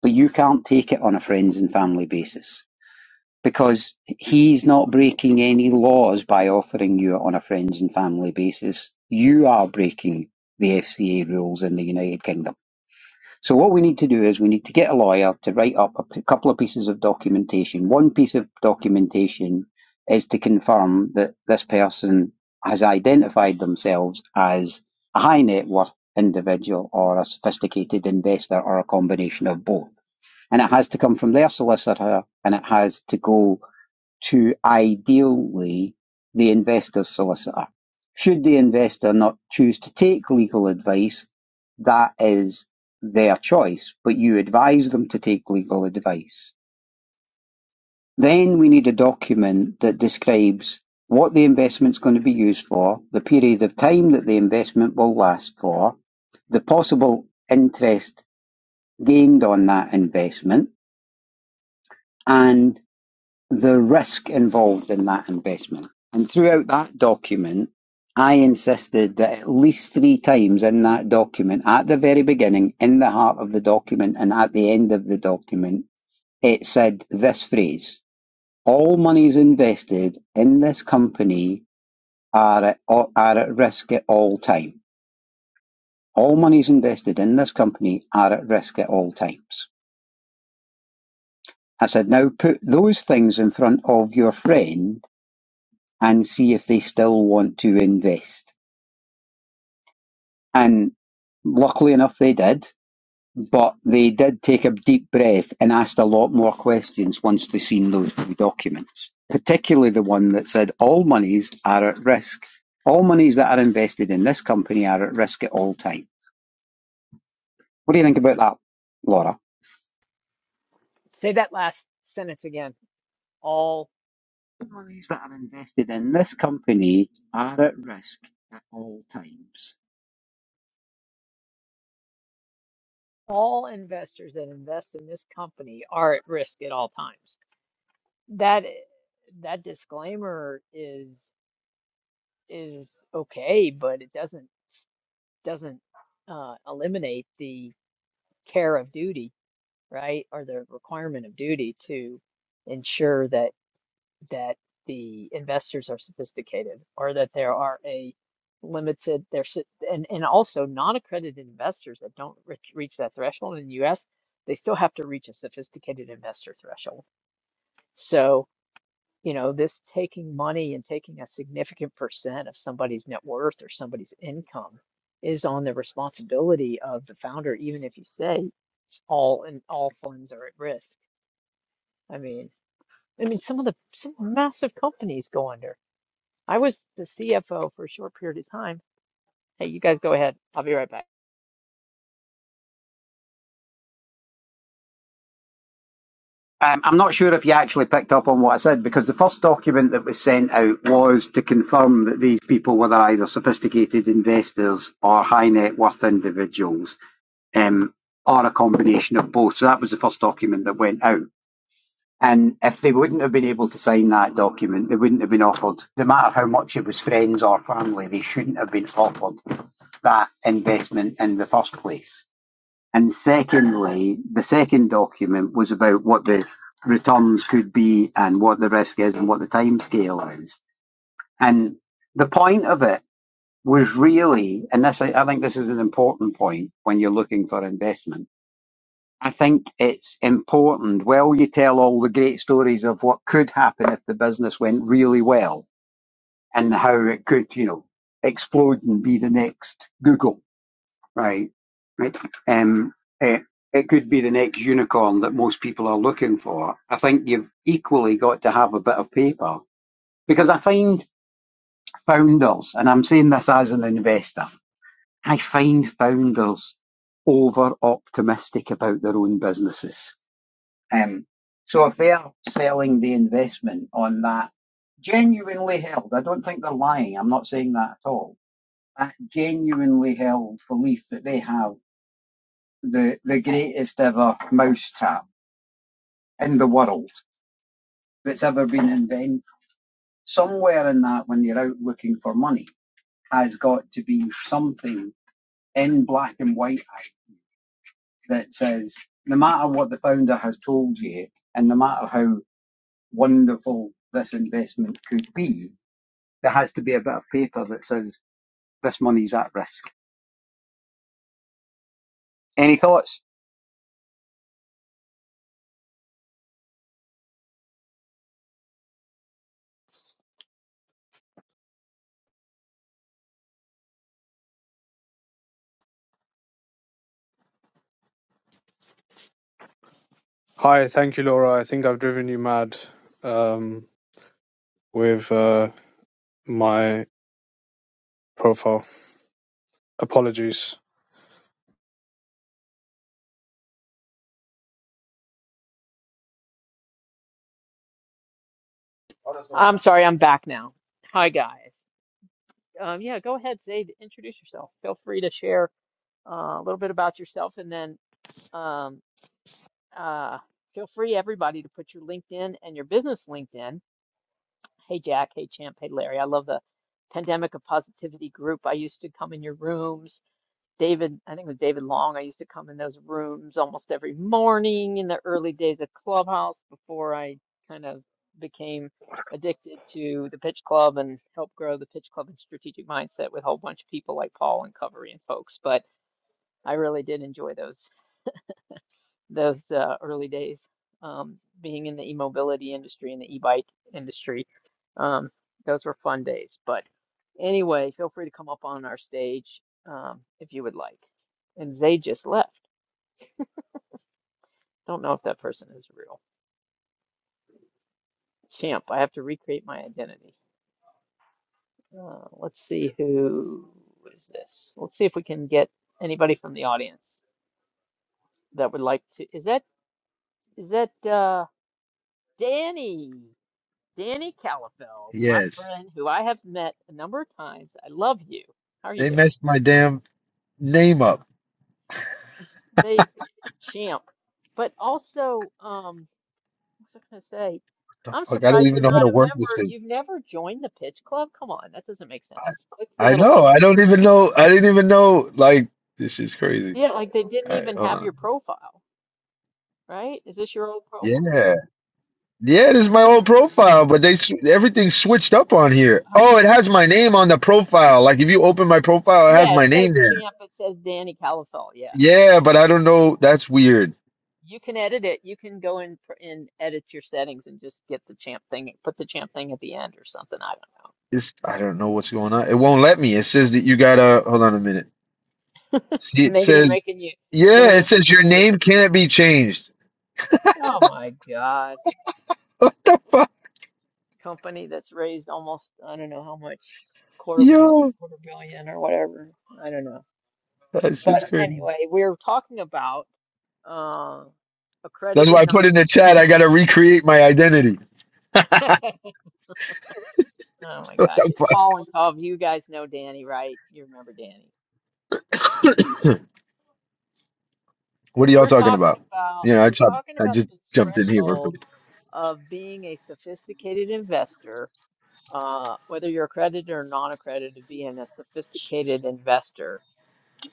[SPEAKER 2] but you can't take it on a friends and family basis because he's not breaking any laws by offering you it on a friends and family basis. You are breaking the FCA rules in the United Kingdom." So what we need to do is we need to get a lawyer to write up a couple of pieces of documentation. One piece of documentation is to confirm that this person has identified themselves as a high net worth individual or a sophisticated investor or a combination of both. And it has to come from their solicitor and it has to go to ideally the investor's solicitor. Should the investor not choose to take legal advice, that is their choice, but you advise them to take legal advice. Then we need a document that describes what the investment's going to be used for, the period of time that the investment will last for, the possible interest gained on that investment, and. the risk involved in that investment. And throughout that document, I insisted that at least three times in that document, at the very beginning, in the heart of the document, and at the end of the document, it said this phrase All monies invested in this company are at, are at risk at all time. All monies invested in this company are at risk at all times. I said, now put those things in front of your friend and see if they still want to invest. And luckily enough, they did. But they did take a deep breath and asked a lot more questions once they seen those two documents, particularly the one that said all monies are at risk. All monies that are invested in this company are at risk at all times. What do you think about that, Laura?
[SPEAKER 1] Say that last sentence again. All
[SPEAKER 2] All monies that are invested in this company are at risk at all times.
[SPEAKER 1] all investors that invest in this company are at risk at all times. That that disclaimer is is okay, but it doesn't doesn't uh, eliminate the care of duty, right? Or the requirement of duty to ensure that. that the investors are sophisticated or that there are a limited there should and and also non-accredited investors that don't reach, reach that threshold in the US they still have to reach a sophisticated investor threshold so you know this taking money and taking a significant percent of somebody's net worth or somebody's income is on the responsibility of the founder even if you say all and all funds are at risk i mean i mean some of the some massive companies go under I was the CFO for a short period of time. Hey, you guys go ahead. I'll be right back.
[SPEAKER 2] Um, I'm not sure if you actually picked up on what I said because the first document that was sent out was to confirm that these people were either sophisticated investors or high net worth individuals um, or a combination of both. So that was the first document that went out. And if they wouldn't have been able to sign that document, they wouldn't have been offered, no matter how much it was friends or family, they shouldn't have been offered that investment in the first place. And secondly, the second document was about what the returns could be and what the risk is and what the time scale is. And the point of it was really, and this, I I think this is an important point when you're looking for investment. I think it's important. Well, you tell all the great stories of what could happen if the business went really well and how it could, you know, explode and be the next Google right? Right. Um, eh, it could be the next unicorn that most people are looking for. I think you've equally got to have a bit of paper because I find founders, and I'm saying this as an investor, I find founders over optimistic about their own businesses. Um, so if they're selling the investment on that genuinely held, I don't think they're lying. I'm not saying that at all. That genuinely held belief that they have the the greatest ever mousetrap in the world that's ever been invented. Somewhere in that, when you're out looking for money, has got to be something in black and white that says, no matter what the founder has told you, and no matter how wonderful this investment could be, there has to be a bit of paper that says this money's at risk. Any thoughts?
[SPEAKER 4] Hi, thank you, Laura. I think I've driven you mad um, with uh, my profile. Apologies.
[SPEAKER 1] I'm sorry, I'm back now. Hi, guys. Um, yeah, go ahead, Zaid, introduce yourself. Feel free to share uh, a little bit about yourself, and then um, uh, feel free, everybody, to put your LinkedIn and your business LinkedIn. Hey, Jack. Hey, Champ. Hey, Larry. I love the Pandemic of Positivity group. I used to come in your rooms David, I think it was David Long. I used to come in those rooms almost every morning in the early days of Clubhouse before I kind of became addicted to the Pitch Club and helped grow the Pitch Club and Strategic Mindset with a whole bunch of people like Paul and Covery and folks. But I really did enjoy those those uh, early days um, being in the e-mobility industry and the e-bike industry. Um, those were fun days. But anyway, feel free to come up on our stage um, if you would like. And Zay just left. Don't know if that person is real. Champ, I have to recreate my identity. Uh, let's see who is this. Let's see if we can get anybody from the audience that would like to. Is that is that uh, Danny? Danny Calafell, my
[SPEAKER 5] Yes,
[SPEAKER 1] friend who I have met a number of times. I love you. How are you
[SPEAKER 5] they
[SPEAKER 1] doing?
[SPEAKER 5] messed my damn name up.
[SPEAKER 1] The champ. But also, um, what was I going to say?
[SPEAKER 5] The
[SPEAKER 1] I'm
[SPEAKER 5] fuck, I don't
[SPEAKER 1] surprised
[SPEAKER 5] even
[SPEAKER 1] you're
[SPEAKER 5] know how
[SPEAKER 1] not
[SPEAKER 5] to
[SPEAKER 1] a
[SPEAKER 5] work this
[SPEAKER 1] member.
[SPEAKER 5] thing.
[SPEAKER 1] You've never joined the Pitch Club. Come on, that doesn't make sense. Click the
[SPEAKER 5] I
[SPEAKER 1] little
[SPEAKER 5] know,
[SPEAKER 1] pink.
[SPEAKER 5] I don't even know. I didn't even know. Like, this is crazy.
[SPEAKER 1] Yeah, like they didn't
[SPEAKER 5] All right,
[SPEAKER 1] even
[SPEAKER 5] hold
[SPEAKER 1] have
[SPEAKER 5] on.
[SPEAKER 1] your profile, right? Is this your old profile?
[SPEAKER 5] Yeah, yeah, this is my old profile, but they sw- everything switched up on here. Oh, it has my name on the profile. Like, if you open my profile, it has
[SPEAKER 1] Yeah,
[SPEAKER 5] my
[SPEAKER 1] it
[SPEAKER 5] name
[SPEAKER 1] says
[SPEAKER 5] there.
[SPEAKER 1] champ. It says Danny Calafell. Yeah.
[SPEAKER 5] Yeah, but I don't know. That's weird.
[SPEAKER 1] You can edit it. You can go in pr- and edit your settings and just get the champ thing, put the champ thing at the end or something. I don't know.
[SPEAKER 5] It's I don't know what's going on. It won't let me. It says that you gotta hold on a minute. See, it
[SPEAKER 1] Maybe they're
[SPEAKER 5] says
[SPEAKER 1] making you, they're
[SPEAKER 5] yeah,
[SPEAKER 1] gonna
[SPEAKER 5] it
[SPEAKER 1] make you
[SPEAKER 5] says your
[SPEAKER 1] pay.
[SPEAKER 5] name can't be changed.
[SPEAKER 1] Oh my God. Company that's raised almost, I don't know how much, quarter mil,
[SPEAKER 5] Yo,
[SPEAKER 1] quarter billion or whatever. I don't know.
[SPEAKER 5] that's just
[SPEAKER 1] But
[SPEAKER 5] crazy.
[SPEAKER 1] anyway, we're talking about uh,
[SPEAKER 5] That's why
[SPEAKER 1] accredited
[SPEAKER 5] I
[SPEAKER 1] non.
[SPEAKER 5] put in the chat. I gotta recreate my identity.
[SPEAKER 1] Oh my
[SPEAKER 5] What
[SPEAKER 1] gosh.
[SPEAKER 5] the
[SPEAKER 1] Paul and Tom, you guys know Danny, right? You remember Danny.
[SPEAKER 5] fuck? What are y'all
[SPEAKER 1] We're
[SPEAKER 5] talking
[SPEAKER 1] talking
[SPEAKER 5] about?
[SPEAKER 1] about
[SPEAKER 5] You know, I
[SPEAKER 1] we're
[SPEAKER 5] chopped,
[SPEAKER 1] talking
[SPEAKER 5] I
[SPEAKER 1] about
[SPEAKER 5] just
[SPEAKER 1] the
[SPEAKER 5] jumped in here. real quick.
[SPEAKER 1] threshold of being a sophisticated investor, uh, whether you're accredited or non-accredited, being a sophisticated investor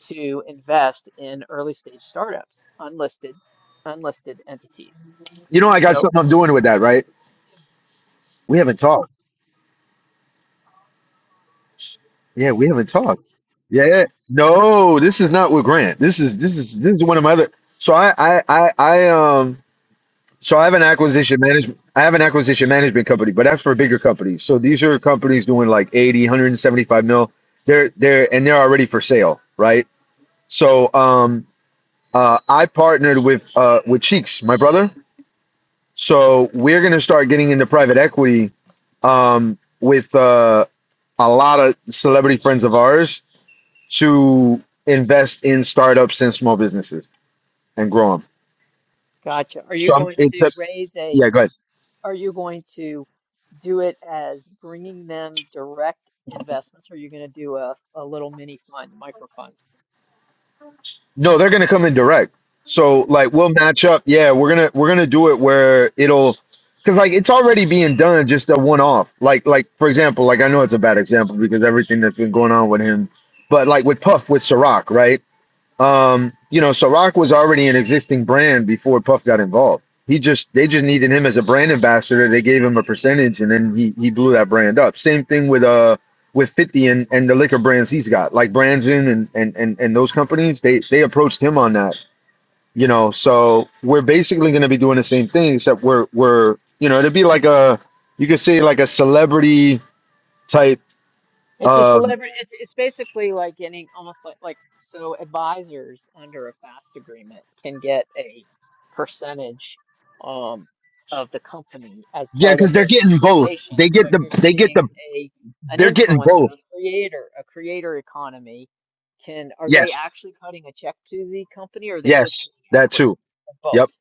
[SPEAKER 1] to invest in early stage startups, unlisted, unlisted entities.
[SPEAKER 5] You know, I got
[SPEAKER 1] So,
[SPEAKER 5] something I'm doing with that, right? We haven't talked. Yeah, we haven't talked. Yeah, yeah. no, this is not with Grant. This is this is this is one of my other. So I I I, I um so I have an acquisition management. I have an acquisition management company, but that's for bigger companies. So these are companies doing like 80, one hundred seventy-five mil. They're they're and they're already for sale, right? So um, uh, I partnered with uh, with Cheeks, my brother. So we're gonna start getting into private equity um, with uh, a lot of celebrity friends of ours to invest in startups and small businesses and grow them.
[SPEAKER 1] gotcha. Are you
[SPEAKER 5] So I'm-
[SPEAKER 1] going
[SPEAKER 5] it's
[SPEAKER 1] to
[SPEAKER 5] a
[SPEAKER 1] raise a,
[SPEAKER 5] yeah. Go ahead.
[SPEAKER 1] are you going to do it as bringing them direct investments, or are you going to do a, a little mini fund, micro fund?
[SPEAKER 5] No, they're gonna come in direct. So like we'll match up. Yeah, we're gonna we're gonna do it where it'll because like it's already being done just a one off. Like like for example, like I know it's a bad example because everything that's been going on with him, but like with Puff with Ciroc, right? Um, you know, Ciroc was already an existing brand before Puff got involved. He just they just needed him as a brand ambassador. They gave him a percentage and then he he blew that brand up. Same thing with uh with 50 and, and the liquor brands he's got, like Branson and, and and and those companies, they they approached him on that. You know, so we're basically gonna be doing the same thing, except we're we're you know, it'd be like a you could say like a celebrity type
[SPEAKER 1] It's a
[SPEAKER 5] um
[SPEAKER 1] celebrity. It's it's basically like any almost like like so advisors under a FAST agreement can get a percentage um of the company as
[SPEAKER 5] yeah,
[SPEAKER 1] part of
[SPEAKER 5] because they're
[SPEAKER 1] their
[SPEAKER 5] getting both.
[SPEAKER 1] compensation.
[SPEAKER 5] They get the
[SPEAKER 1] But you're
[SPEAKER 5] they get
[SPEAKER 1] saying
[SPEAKER 5] the
[SPEAKER 1] a an
[SPEAKER 5] they're getting
[SPEAKER 1] influencer,
[SPEAKER 5] both.
[SPEAKER 1] a creator, a creator economy can are they
[SPEAKER 5] Yes.
[SPEAKER 1] actually cutting a check to the company or are they just
[SPEAKER 5] Yes,
[SPEAKER 1] getting
[SPEAKER 5] that
[SPEAKER 1] equity?
[SPEAKER 5] too.
[SPEAKER 1] Or
[SPEAKER 5] Yep.
[SPEAKER 1] Both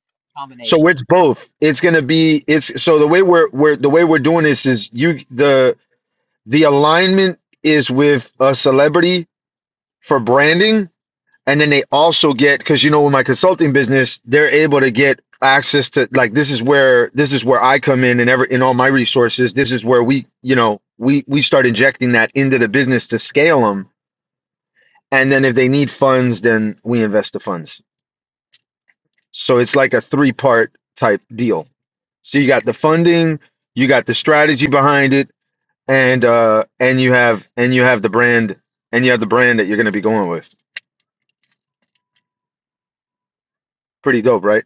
[SPEAKER 5] So
[SPEAKER 1] combination.
[SPEAKER 5] it's both. It's gonna be it's so the way we're we're the way we're doing this is you the the alignment is with a celebrity for branding, and then they also get because you know with my consulting business, they're able to get access to like this is where this is where I come in and ever in all my resources. This is where we you know we we start injecting that into the business to scale them, and then if they need funds, then we invest the funds. So it's like a three part type deal. So you got the funding, you got the strategy behind it, and uh and you have and you have the brand and you have the brand that you're gonna be going with. Pretty dope, right?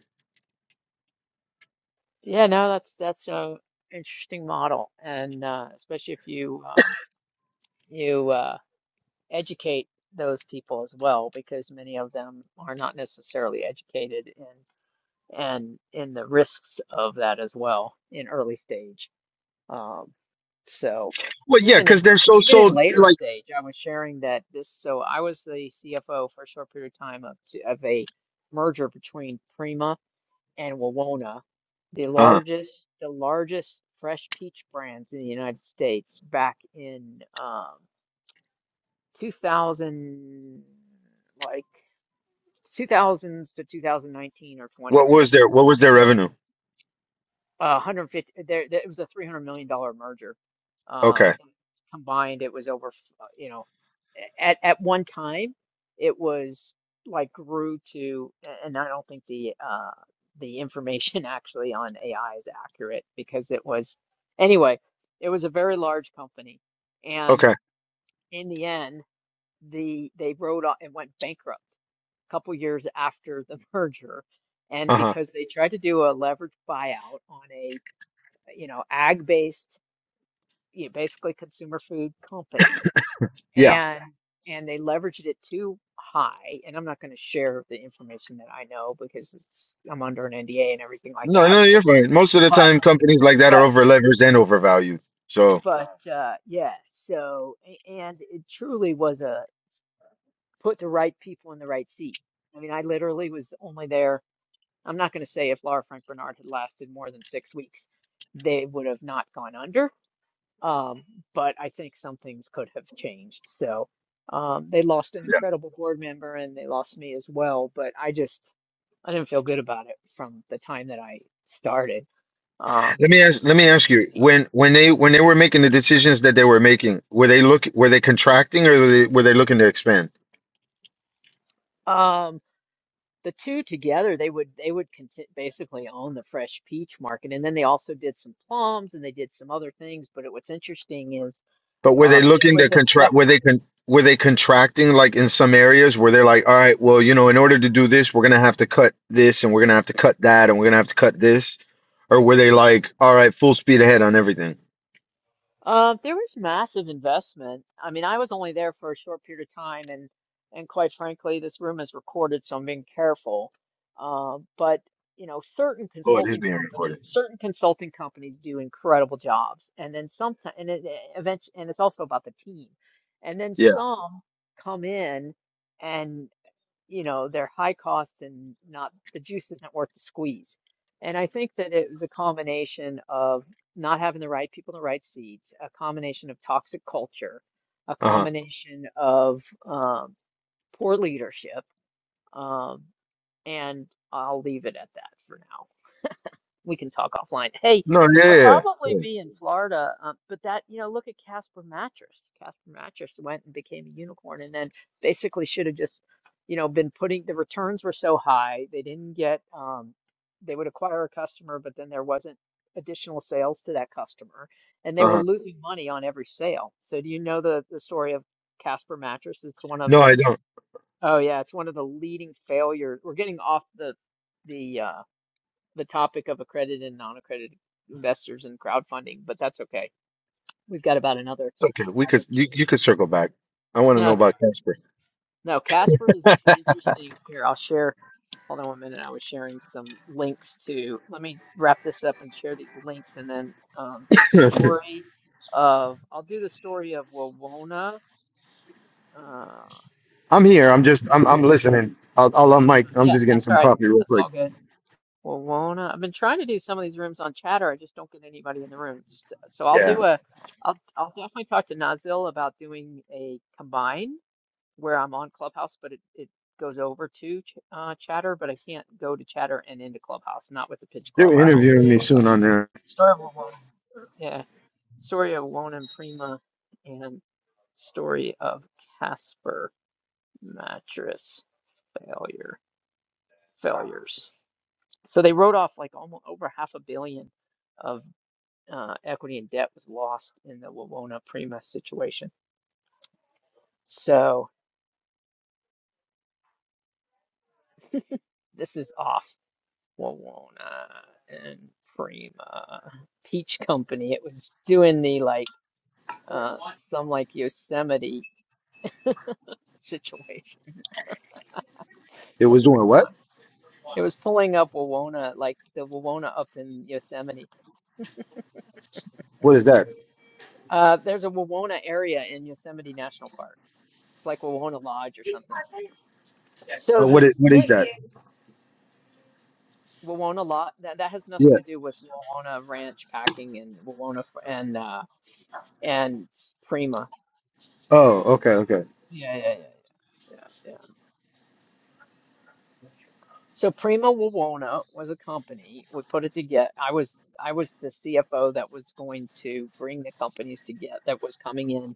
[SPEAKER 1] Yeah, no, that's that's a interesting model, and uh, especially if you um, you. uh, educate those people as well because many of them are not necessarily educated in and in the risks of that as well in early stage. Um, so
[SPEAKER 5] Well, yeah,
[SPEAKER 1] even
[SPEAKER 5] because
[SPEAKER 1] in
[SPEAKER 5] they're so
[SPEAKER 1] even in
[SPEAKER 5] sold
[SPEAKER 1] later
[SPEAKER 5] like
[SPEAKER 1] stage, I was sharing that this. So I was the CFO for a short period of time of two, of a merger between Prima and Wawona, the
[SPEAKER 5] uh-huh.
[SPEAKER 1] largest the largest fresh peach brands in the United States back in um, 2000, like 2000s to 2019 or 20,
[SPEAKER 5] What
[SPEAKER 1] right?
[SPEAKER 5] was their what was their
[SPEAKER 1] So
[SPEAKER 5] revenue?
[SPEAKER 1] uh, 150, there, there, it was a $300 million dollar merger. Um,
[SPEAKER 5] Okay.
[SPEAKER 1] and combined, it was over, uh, you know, a- at, at one time, it was like grew to, a- and I don't think the, uh, the information actually on AI is accurate because it was, anyway, it was a very large company. And
[SPEAKER 5] Okay.
[SPEAKER 1] in the end, the they rode on and went bankrupt a couple years after the merger. And
[SPEAKER 5] Uh-huh.
[SPEAKER 1] because they tried to do a leveraged buyout on a, you know, ag-based, you know, basically consumer food company.
[SPEAKER 5] Yeah.
[SPEAKER 1] And and they leveraged it too high. And I'm not going to share the information that I know because it's, I'm under an NDA and everything like
[SPEAKER 5] No,
[SPEAKER 1] that.
[SPEAKER 5] no, you're fine. Most of the
[SPEAKER 1] But
[SPEAKER 5] time companies like that are
[SPEAKER 1] but
[SPEAKER 5] over leveraged and overvalued. So
[SPEAKER 1] but uh, yeah. So a- and it truly was a put the right people in the right seat. I mean, I literally was only there I'm not going to say if Laura Frank Bernard had lasted more than six weeks, they would have not gone under. Um, but I think some things could have changed. So um, they lost an
[SPEAKER 5] yeah.
[SPEAKER 1] incredible board member and they lost me as well. But I just, I didn't feel good about it from the time that I started. Um,
[SPEAKER 5] Let me ask let
[SPEAKER 1] so
[SPEAKER 5] me ask you, when when they when they were making the decisions that they were making, were they look were they contracting or were they, were they looking to expand?
[SPEAKER 1] yeah. um the two together they would they would conti- basically own the fresh peach market and then they also did some plums and they did some other things but it, what's interesting is
[SPEAKER 5] But were they
[SPEAKER 1] um there
[SPEAKER 5] looking to
[SPEAKER 1] was a
[SPEAKER 5] contract? Were they con- were they contracting like in some areas where they're like, all right, well, you know, in order to do this, we're gonna have to cut this, and we're gonna have to cut that, and we're gonna have to cut this, or were they like, all right, full speed ahead on everything?
[SPEAKER 1] Uh, there was massive investment. I mean, I was only there for a short period of time, and and quite frankly, this room is recorded, so I'm being careful. Um, but you know, certain
[SPEAKER 5] Oh, it is
[SPEAKER 1] consulting
[SPEAKER 5] being recorded.
[SPEAKER 1] companies, certain consulting companies do incredible jobs, and then sometimes, and it, eventually, and it's also about the team. And then
[SPEAKER 5] Yeah.
[SPEAKER 1] some come in, and you know, they're high cost and not the juice isn't worth the squeeze. And I think that it was a combination of not having the right people in the right seats, a combination of toxic culture, a
[SPEAKER 5] Uh huh.
[SPEAKER 1] combination of um, poor leadership, um, and I'll leave it at that for now we can talk offline. Hey,
[SPEAKER 5] No. Yeah.
[SPEAKER 1] I'll
[SPEAKER 5] Yeah.
[SPEAKER 1] probably
[SPEAKER 5] yeah.
[SPEAKER 1] be in Florida, um, but that, you know, look at Casper Mattress. Casper Mattress went and became a unicorn and then basically should have just, you know, been putting the returns were so high. They didn't get, um, they would acquire a customer, but then there wasn't additional sales to that customer and they
[SPEAKER 5] Uh
[SPEAKER 1] were
[SPEAKER 5] huh.
[SPEAKER 1] losing money on every sale. So do you know the, the story of Casper Mattress? It's one of
[SPEAKER 5] No,
[SPEAKER 1] the,
[SPEAKER 5] I don't.
[SPEAKER 1] oh yeah, it's one of the leading failures. We're getting off the, the, uh, the topic of accredited and non-accredited investors and crowdfunding, but that's okay. We've got about another
[SPEAKER 5] It's okay. We
[SPEAKER 1] five or
[SPEAKER 5] could.
[SPEAKER 1] ten
[SPEAKER 5] You, you could
[SPEAKER 1] minutes.
[SPEAKER 5] circle back. I want to
[SPEAKER 1] No,
[SPEAKER 5] know
[SPEAKER 1] it's
[SPEAKER 5] about Casper.
[SPEAKER 1] right. no, Casper is an interesting here. I'll share. Hold on one minute. I was sharing some links to. Let me wrap this up and share these links, and then um, story of. I'll do the story of Wawona. Uh,
[SPEAKER 5] I'm here.
[SPEAKER 1] Wawona
[SPEAKER 5] I'm just. I'm. I'm
[SPEAKER 1] and
[SPEAKER 5] listening. I'll. I'll. I'm Mike.
[SPEAKER 1] Prima.
[SPEAKER 5] I'm
[SPEAKER 1] Yeah,
[SPEAKER 5] just getting
[SPEAKER 1] that's
[SPEAKER 5] some
[SPEAKER 1] all right.
[SPEAKER 5] coffee real
[SPEAKER 1] That's
[SPEAKER 5] quick.
[SPEAKER 1] all good. Well, Wona, I've been trying to do some of these rooms on Chatter. I just don't get anybody in the rooms. So I'll
[SPEAKER 5] Yeah.
[SPEAKER 1] do a, I'll I'll definitely talk to Nazil about doing a combine where I'm on Clubhouse, but it it goes over to Ch- uh, Chatter, but I can't go to Chatter and into Clubhouse. Not with the Pitch Club.
[SPEAKER 5] They're
[SPEAKER 1] Our home is
[SPEAKER 5] interviewing me soon
[SPEAKER 1] Clubhouse.
[SPEAKER 5] on there.
[SPEAKER 1] Story of Wona. Yeah, story of Wona and Prima, and story of Casper mattress failure failures. So they wrote off like almost over half a billion of uh, equity and debt was lost in the Wawona Prima situation. So this is off Wawona and Prima Peach Company. It was doing the like uh, some like Yosemite situation.
[SPEAKER 5] It
[SPEAKER 1] That's
[SPEAKER 5] was
[SPEAKER 1] pretty
[SPEAKER 5] doing what?
[SPEAKER 1] fun. It was pulling up Wawona, like the Wawona up in Yosemite.
[SPEAKER 5] What is that?
[SPEAKER 1] Uh, there's a Wawona area in Yosemite National Park. It's like Wawona Lodge or something. So
[SPEAKER 5] Oh,
[SPEAKER 1] the
[SPEAKER 5] what is, what is
[SPEAKER 1] Smith
[SPEAKER 5] that?
[SPEAKER 1] Wawona lot that that has nothing
[SPEAKER 5] Yeah.
[SPEAKER 1] to do with Wawona Ranch packing and Wawona f- and uh and Prima.
[SPEAKER 5] Oh, okay, okay,
[SPEAKER 1] Yeah, yeah, yeah, yeah, yeah. yeah. So Prima Wawona was a company. We put it together. I was I was the CFO that was going to bring the companies together that was coming in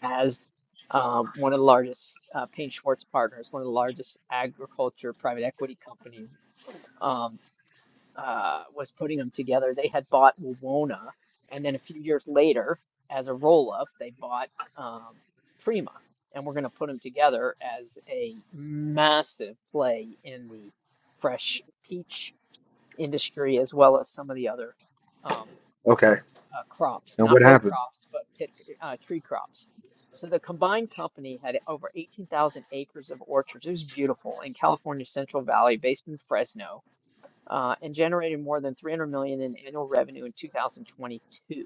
[SPEAKER 1] as um, one of the largest uh, Payne Schwartz partners, one of the largest agriculture private equity companies. Um, uh, was putting them together, they had bought Wawona, and then a few years later, as a roll-up, they bought um, Prima, and we're going to put them together as a massive play in the fresh peach industry, as well as some of the other um,
[SPEAKER 5] okay.
[SPEAKER 1] uh, crops,
[SPEAKER 5] And what
[SPEAKER 1] not row
[SPEAKER 5] happened?
[SPEAKER 1] crops, but pit, uh, tree crops. So the combined company had over 18,000 acres of orchards. It was beautiful in California's Central Valley, based in Fresno uh, and generated more than 300 million dollars in annual revenue in 2022.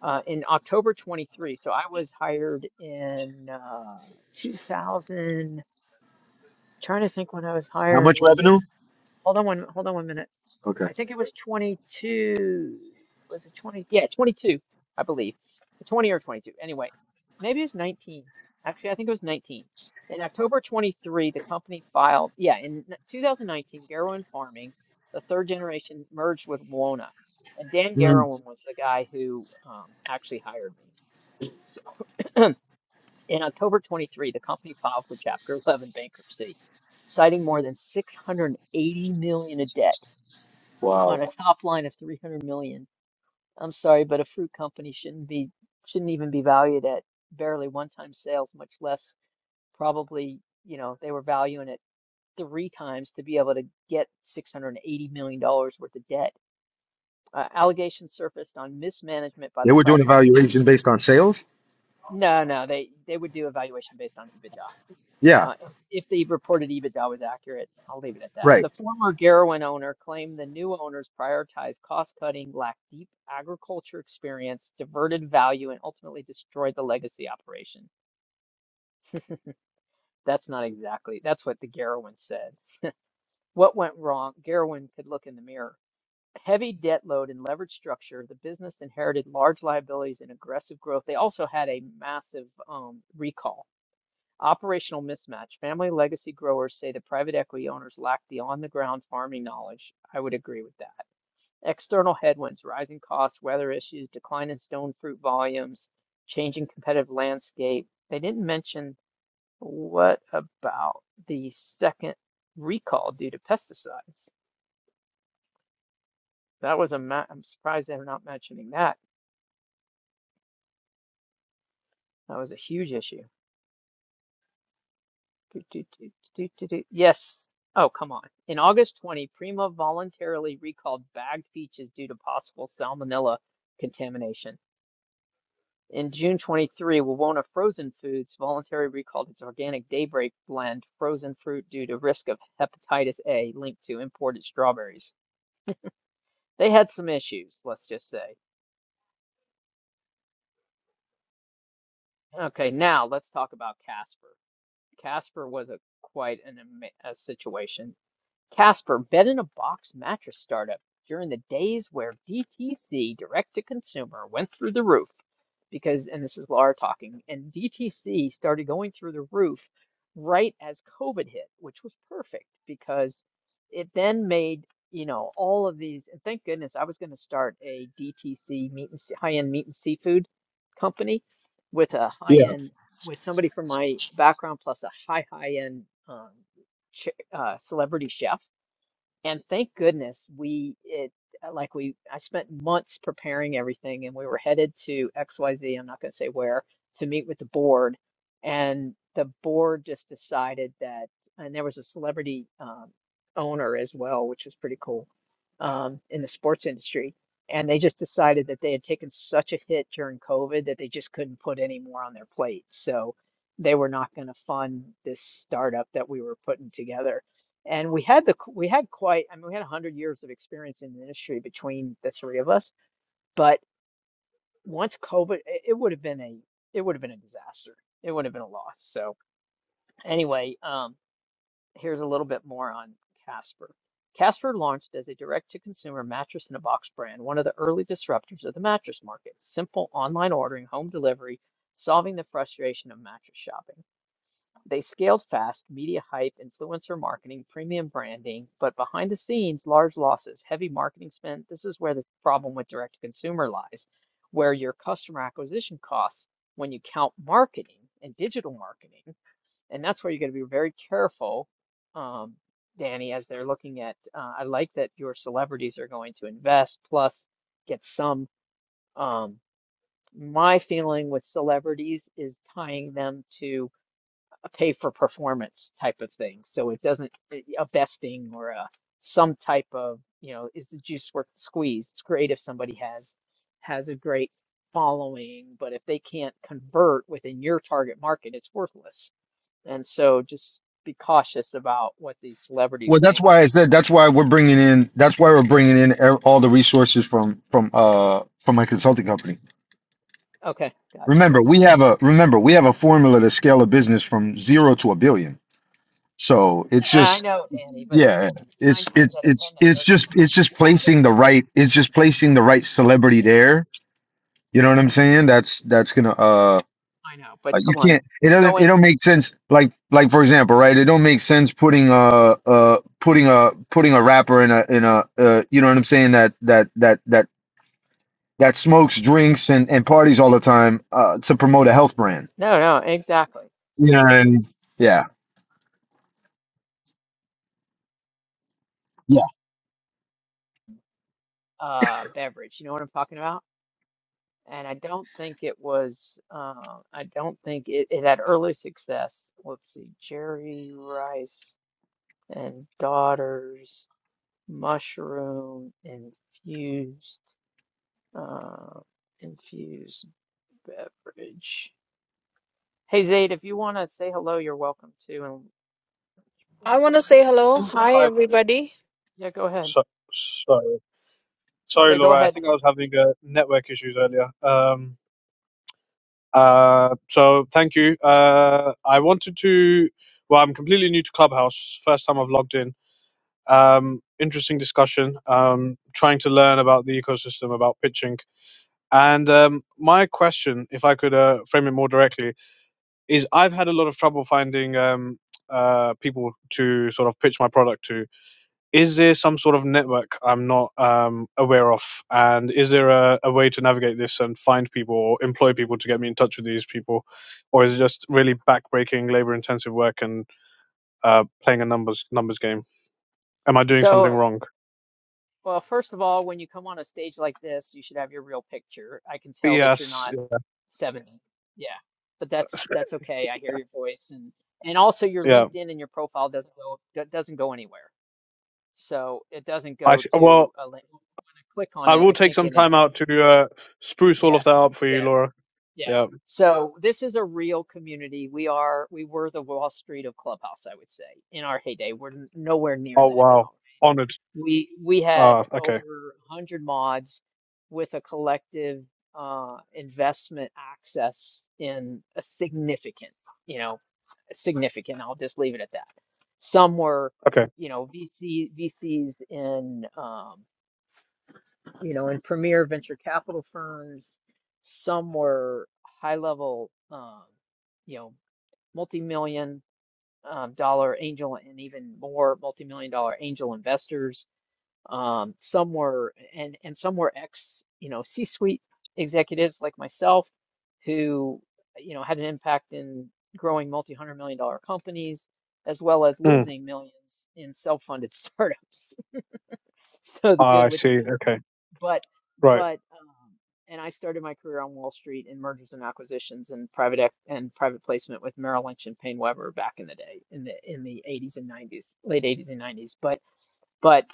[SPEAKER 1] Uh, in October 23, so I was hired in uh, 2000. Trying to think when I was
[SPEAKER 5] How
[SPEAKER 1] hired.
[SPEAKER 5] much
[SPEAKER 1] Was it?
[SPEAKER 5] revenue?
[SPEAKER 1] Hold on one. Hold on one minute.
[SPEAKER 5] Okay.
[SPEAKER 1] I think it was 22. Was it 20? Yeah, 22, I believe. 20 or 22. Anyway, maybe it was 19. Actually, I think it was 19. In October 23, the company filed, yeah, in n- 2019, Garrowen Farming, the third generation, merged with Wona. And Dan
[SPEAKER 5] Mm,
[SPEAKER 1] Garrowen was the guy who um, actually hired me. So in October 23, the company filed for Chapter 11 bankruptcy, citing more than 680 million in debt
[SPEAKER 5] wow.
[SPEAKER 1] on a top line of 300 million. I'm sorry, but a fruit company shouldn't be shouldn't even be valued at barely one time sales, much less probably, you know, they were valuing it three times to be able to get 680 million dollars worth of debt. Uh, allegations surfaced on mismanagement by
[SPEAKER 5] They
[SPEAKER 1] the
[SPEAKER 5] were doing
[SPEAKER 1] private equity.
[SPEAKER 5] evaluation based on sales.
[SPEAKER 1] No, no, they they would do a valuation based on EBITDA.
[SPEAKER 5] Yeah.
[SPEAKER 1] uh, if if the reported EBITDA was accurate. I'll leave it at that.
[SPEAKER 5] Right.
[SPEAKER 1] The former Garowin owner claimed the new owners prioritized cost cutting, lacked deep agriculture experience, diverted value, and ultimately destroyed the legacy operation. That's not exactly, that's what the Garowin said. What went wrong? Garowin could look in the mirror. Heavy debt load and leverage structure. The business inherited large liabilities and aggressive growth. They also had a massive um, recall Operational mismatch. Family legacy growers say that private equity owners lack the on-the-ground farming knowledge. I would agree with that. External headwinds, rising costs, weather issues, decline in stone fruit volumes, changing competitive landscape. They didn't mention what about the second recall due to pesticides? That was a ma- I'm surprised they're not mentioning that. That was a huge issue. Do, do, do, do, do, do. Yes. Oh, come on. In August 20, Prima voluntarily recalled bagged peaches due to possible salmonella contamination. In June 23, Wawona Frozen Foods voluntarily recalled its organic Daybreak blend frozen fruit due to risk of hepatitis A linked to imported strawberries. They had some issues, let's just say. Okay, now let's talk about Casper. Casper was a quite an ama- a situation. Casper, bed in a box mattress startup during the days where DTC, direct to consumer, went through the roof because, and this is Laura talking, and DTC started going through the roof right as COVID hit, which was perfect because it then made, you know, all of these, and thank goodness I was going to start a DTC meat and se- high-end meat and seafood company with a
[SPEAKER 5] Yeah.
[SPEAKER 1] high-end, with somebody from my background plus a high, high-end um, uh, celebrity chef. And thank goodness we it uh, like we I spent months preparing everything, and we were headed to X Y am not going to say where to meet with the board, and the board just decided that, and there was a celebrity um, owner as well, which was pretty cool um, in the sports industry. And they just decided that they had taken such a hit during COVID that they just couldn't put any more on their plate. So they were not going to fund this startup that we were putting together and we had the we had quite I mean we had 100 years of experience in the industry between the three of us, but once COVID it, it would have been a it would have been a disaster. It would have been a loss. So anyway, um here's a little bit more on Casper. Casper launched as a direct-to-consumer mattress in a box brand, one of the early disruptors of the mattress market. Simple online ordering, home delivery, solving the frustration of mattress shopping. They scaled fast, media hype, influencer marketing, premium branding, but behind the scenes, large losses, heavy marketing spend. This is where the problem with direct to consumer lies, where your customer acquisition costs, when you count marketing and digital marketing, and that's where you're going to be very careful, um, Danny, as they're looking at. Uh, I like that your celebrities are going to invest plus get some. Um, my feeling with celebrities is tying them to pay for performance type of thing. So it doesn't eh, a vesting or a some type of you know is the juice worth the squeeze? It's great if somebody has has a great following, but if they can't convert within your target market, it's worthless. And so just be cautious about what these celebrities
[SPEAKER 5] Well, that's
[SPEAKER 1] think.
[SPEAKER 5] why I said that's why we're bringing in that's why we're bringing in e- all the resources from from uh from my consulting company.
[SPEAKER 1] Okay, gotcha,
[SPEAKER 5] Remember,
[SPEAKER 1] gotcha.
[SPEAKER 5] we have a remember we have a formula to scale a business from zero to a billion. So it's
[SPEAKER 1] Yeah, I
[SPEAKER 5] just
[SPEAKER 1] know, Danny, but
[SPEAKER 5] Yeah,
[SPEAKER 1] nine
[SPEAKER 5] it's
[SPEAKER 1] times
[SPEAKER 5] it's
[SPEAKER 1] out of
[SPEAKER 5] it's
[SPEAKER 1] ten that
[SPEAKER 5] it's
[SPEAKER 1] doesn't
[SPEAKER 5] just
[SPEAKER 1] work.
[SPEAKER 5] it's just placing the right it's just placing the right celebrity
[SPEAKER 1] Yeah,
[SPEAKER 5] there. You know what I'm saying? That's that's gonna uh
[SPEAKER 1] I know, but
[SPEAKER 5] uh, you
[SPEAKER 1] come on,
[SPEAKER 5] can't it
[SPEAKER 1] you
[SPEAKER 5] doesn't
[SPEAKER 1] go
[SPEAKER 5] it
[SPEAKER 1] into
[SPEAKER 5] don't make sense like like for example right it don't make sense putting uh uh putting a putting a rapper in a in a uh you know what I'm saying that that that that that smokes drinks and and parties all the time uh to promote a health
[SPEAKER 1] right. Right.
[SPEAKER 5] brand.
[SPEAKER 1] No, no, exactly.
[SPEAKER 5] Yeah. Yeah.
[SPEAKER 1] uh beverage. You know what I'm talking about? And I don't think it was uh I don't think it, it had early success. Let's see, Jerry Rice and Daughters, mushroom infused uh infused beverage. Hey Zaid, if you want to say hello, you're welcome to and go
[SPEAKER 3] I want to
[SPEAKER 1] ahead.
[SPEAKER 3] say hello. Hi,
[SPEAKER 4] Hi,
[SPEAKER 3] everybody.
[SPEAKER 1] Yeah, go ahead.
[SPEAKER 4] so, sorry, sorry,
[SPEAKER 1] Okay, go
[SPEAKER 4] Laura. I
[SPEAKER 1] ahead.
[SPEAKER 4] think I was having uh, network issues earlier. Um, uh, so thank you. Uh, I wanted to. Well, I'm completely new to Clubhouse. First time I've logged in. Um, interesting discussion. Um, trying to learn about the ecosystem, about pitching, and um, my question, if I could uh, frame it more directly, is I've had a lot of trouble finding um, uh, people to sort of pitch my product to. Is there some sort of network I'm not um, aware of? And is there a, a way to navigate this and find people or employ people to get me in touch with these people? Or is it just really backbreaking, labor intensive work and uh, playing a numbers numbers game? Am I doing
[SPEAKER 1] So.
[SPEAKER 4] something wrong?
[SPEAKER 1] Well, first of all, when you come on a stage like this, you should have your real picture. I can tell that you're
[SPEAKER 4] Yes.
[SPEAKER 1] not 70. Yeah. But that's
[SPEAKER 4] yes.
[SPEAKER 1] that's okay. I hear your voice and and also your
[SPEAKER 4] Yeah.
[SPEAKER 1] LinkedIn and your profile doesn't go do- doesn't go anywhere. So it doesn't
[SPEAKER 4] I,
[SPEAKER 1] go to
[SPEAKER 4] well,
[SPEAKER 1] a link. When I click on
[SPEAKER 4] I
[SPEAKER 1] it,
[SPEAKER 4] will
[SPEAKER 1] I
[SPEAKER 4] take
[SPEAKER 1] can't
[SPEAKER 4] some
[SPEAKER 1] get into
[SPEAKER 4] time
[SPEAKER 1] your
[SPEAKER 4] out to
[SPEAKER 1] LinkedIn.
[SPEAKER 4] uh, spruce all
[SPEAKER 1] Yeah.
[SPEAKER 4] of that up for you,
[SPEAKER 1] Yeah.
[SPEAKER 4] Laura.
[SPEAKER 1] Yeah.
[SPEAKER 4] Yeah.
[SPEAKER 1] So this is a real community. We are we were the Wall Street of Clubhouse, I would say, in our heyday. We're n- nowhere near
[SPEAKER 4] Oh,
[SPEAKER 1] that
[SPEAKER 4] wow.
[SPEAKER 1] now.
[SPEAKER 4] Honored.
[SPEAKER 1] We we
[SPEAKER 4] Ah,
[SPEAKER 1] had
[SPEAKER 4] uh, okay.
[SPEAKER 1] over 100 mods with a collective uh, investment access in a significant, you know, significant. I'll just leave it at that. Some were,
[SPEAKER 4] Okay.
[SPEAKER 1] you know, VC VCs in, um, you know, in premier venture capital firms. Some were high level, um, you know, multi million um, dollar angel and even more multi million dollar angel investors um, some were and and some were ex, you know, C-suite executives like myself who, you know, had an impact in growing multi-hundred million dollar companies as well as
[SPEAKER 4] Mm.
[SPEAKER 1] losing millions in self-funded startups. So the
[SPEAKER 4] Ah,
[SPEAKER 1] good
[SPEAKER 4] I
[SPEAKER 1] with the
[SPEAKER 4] see.
[SPEAKER 1] bad.
[SPEAKER 4] Okay.
[SPEAKER 1] But
[SPEAKER 4] Right.
[SPEAKER 1] but um, and I started my career on Wall Street in mergers and acquisitions and private ec- and private placement with Merrill Lynch and Paine Webber back in the day in the in the 80s and 90s, late 80s and 90s. But but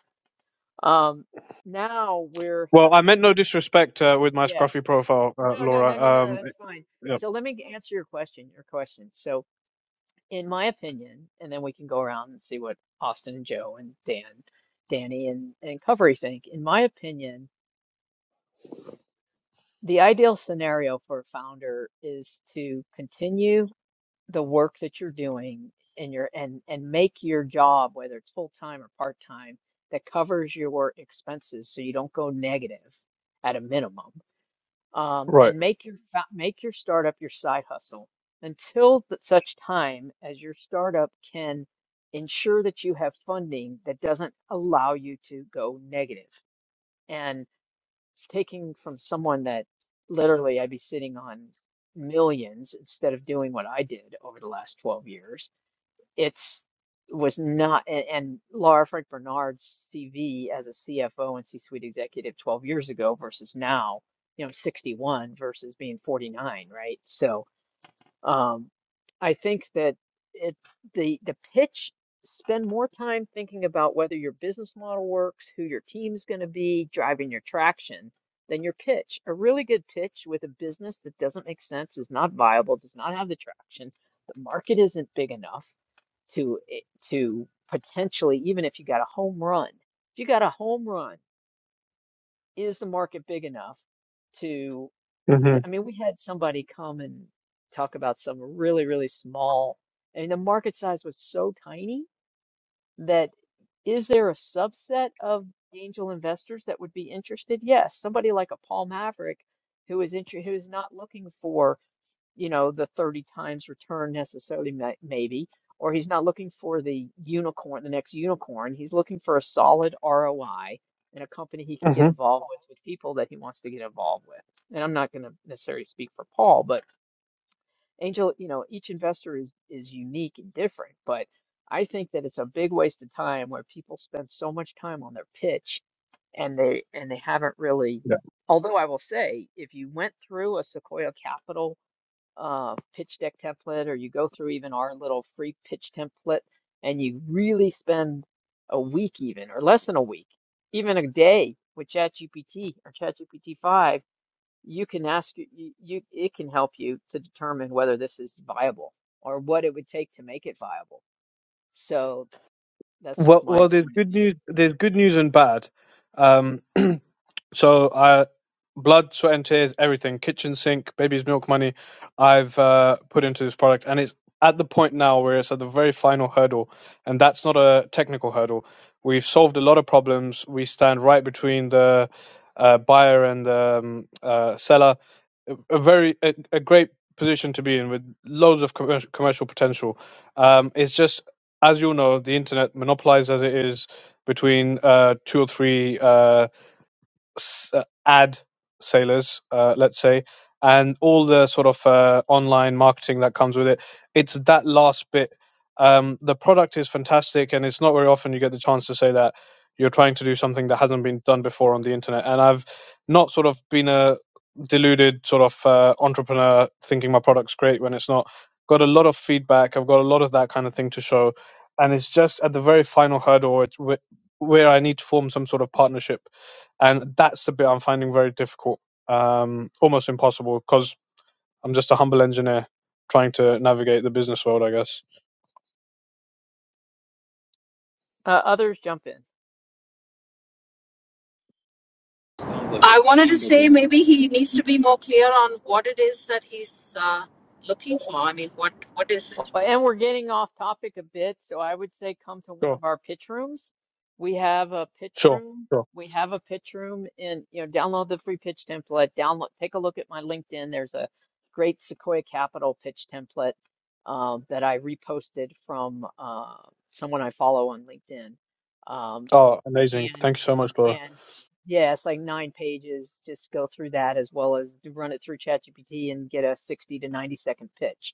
[SPEAKER 1] um, now we're
[SPEAKER 4] Well, I meant no disrespect uh, with my
[SPEAKER 1] Yeah.
[SPEAKER 4] scruffy profile, uh,
[SPEAKER 1] No, no, no, no, no,
[SPEAKER 4] Laura.
[SPEAKER 1] no,
[SPEAKER 4] Um,
[SPEAKER 1] that's fine.
[SPEAKER 4] yeah.
[SPEAKER 1] So let me answer your question, your question. So in my opinion, and then we can go around and see what Austin and Joe and Dan, Danny and, and Covery think. In my opinion, the ideal scenario for a founder is to continue the work that you're doing in your and and make your job, whether it's full time or part time, that covers your expenses so you don't go negative at a minimum um,
[SPEAKER 4] Right.
[SPEAKER 1] and make your fa- make your startup your side hustle until th- such time as your startup can ensure that you have funding that doesn't allow you to go negative. And taking from someone that literally I'd be sitting on millions instead of doing what I did over the last 12 years it's was not and, and Laura Frank Bernard's CV as a CFO and C-suite executive 12 years ago versus now, you know, 61 versus being 49, right? So, um, I think that it the the pitch spend more time thinking about whether your business model works, who your team's going to be, driving your traction than your pitch. A really good pitch with a business that doesn't make sense, is not viable, does not have the traction, the market isn't big enough to eh, to potentially even if you got a home run if you got a home run is the market big enough to,
[SPEAKER 4] Mm-hmm.
[SPEAKER 1] to I mean we had somebody come and talk about some really really small and the market size was so tiny that is there a subset of angel investors that would be interested yes somebody like a Paul Maverick who is inter who is not looking for you know, the 30 times return necessarily, ma- maybe, or he's not looking for the unicorn, the next unicorn. He's looking for a solid ROI and a company he can get
[SPEAKER 4] Mm-hmm.
[SPEAKER 1] involved with, with people that he wants to get involved with. And I'm not going to necessarily speak for Paul, but Angel, you know, each investor is is unique and different, but I think that it's a big waste of time where people spend so much time on their pitch and they and they haven't really,
[SPEAKER 4] Yeah.
[SPEAKER 1] although I will say, if you went through a Sequoia Capital uh, pitch deck template, or you go through even our little free pitch template, and you really spend a week, even or less than a week, even a day with ChatGPT or ChatGPT 5, you can ask you, you it can help you to determine whether this is viable or what it would take to make it viable. So that's just
[SPEAKER 4] Well,
[SPEAKER 1] my
[SPEAKER 4] well, there's
[SPEAKER 1] point of
[SPEAKER 4] good
[SPEAKER 1] view.
[SPEAKER 4] news. There's good news and bad. Um, So, uh, blood, sweat, and tears, everything, kitchen sink, baby's milk money, I've uh, put into this product, and it's at the point now where it's at the very final hurdle, and that's not a technical hurdle. We've solved a lot of problems. We stand right between the uh, buyer and the um, uh, seller. A, a very a, a great position to be in with loads of commercial, commercial potential. Um, it's just as you know, the internet monopolized as it is between uh, two or three. uh, s- uh, ad sailors, uh, let's say, and all the sort of uh, online marketing that comes with it. It's that last bit. Um, the product is fantastic, and it's not very often you get the chance to say that you're trying to do something that hasn't been done before on the internet. And I've not sort of been a deluded sort of uh, entrepreneur thinking my product's great when it's not. Got a lot of feedback. I've got a lot of that kind of thing to show, and it's just at the very final hurdle. It's wh- where I need to form some sort of partnership and that's the bit I'm finding very difficult, um, almost impossible, because I'm just a humble engineer trying to navigate the business world, I guess.
[SPEAKER 1] Uh, others jump in.
[SPEAKER 6] Sounds like the
[SPEAKER 3] I wanted to
[SPEAKER 6] team
[SPEAKER 3] say
[SPEAKER 6] building.
[SPEAKER 3] maybe he needs to be more clear on what it is that he's uh, looking for. I mean, what what is
[SPEAKER 1] Well,
[SPEAKER 3] it?
[SPEAKER 1] and we're getting off topic a bit, so I would say come to one
[SPEAKER 4] Sure,
[SPEAKER 1] of our pitch rooms. We have a pitch
[SPEAKER 4] sure,
[SPEAKER 1] room.
[SPEAKER 4] sure.
[SPEAKER 1] We have a pitch room and you know, download the free pitch template, download, take a look at my LinkedIn. There's a great Sequoia Capital pitch template um, that I reposted from uh, someone I follow on LinkedIn. Um,
[SPEAKER 4] Oh, amazing!
[SPEAKER 1] and
[SPEAKER 4] Thank you so much, Laura.
[SPEAKER 1] and yeah, it's like nine pages. Just go through that as well as run it through ChatGPT and get a 60 to 90 second pitch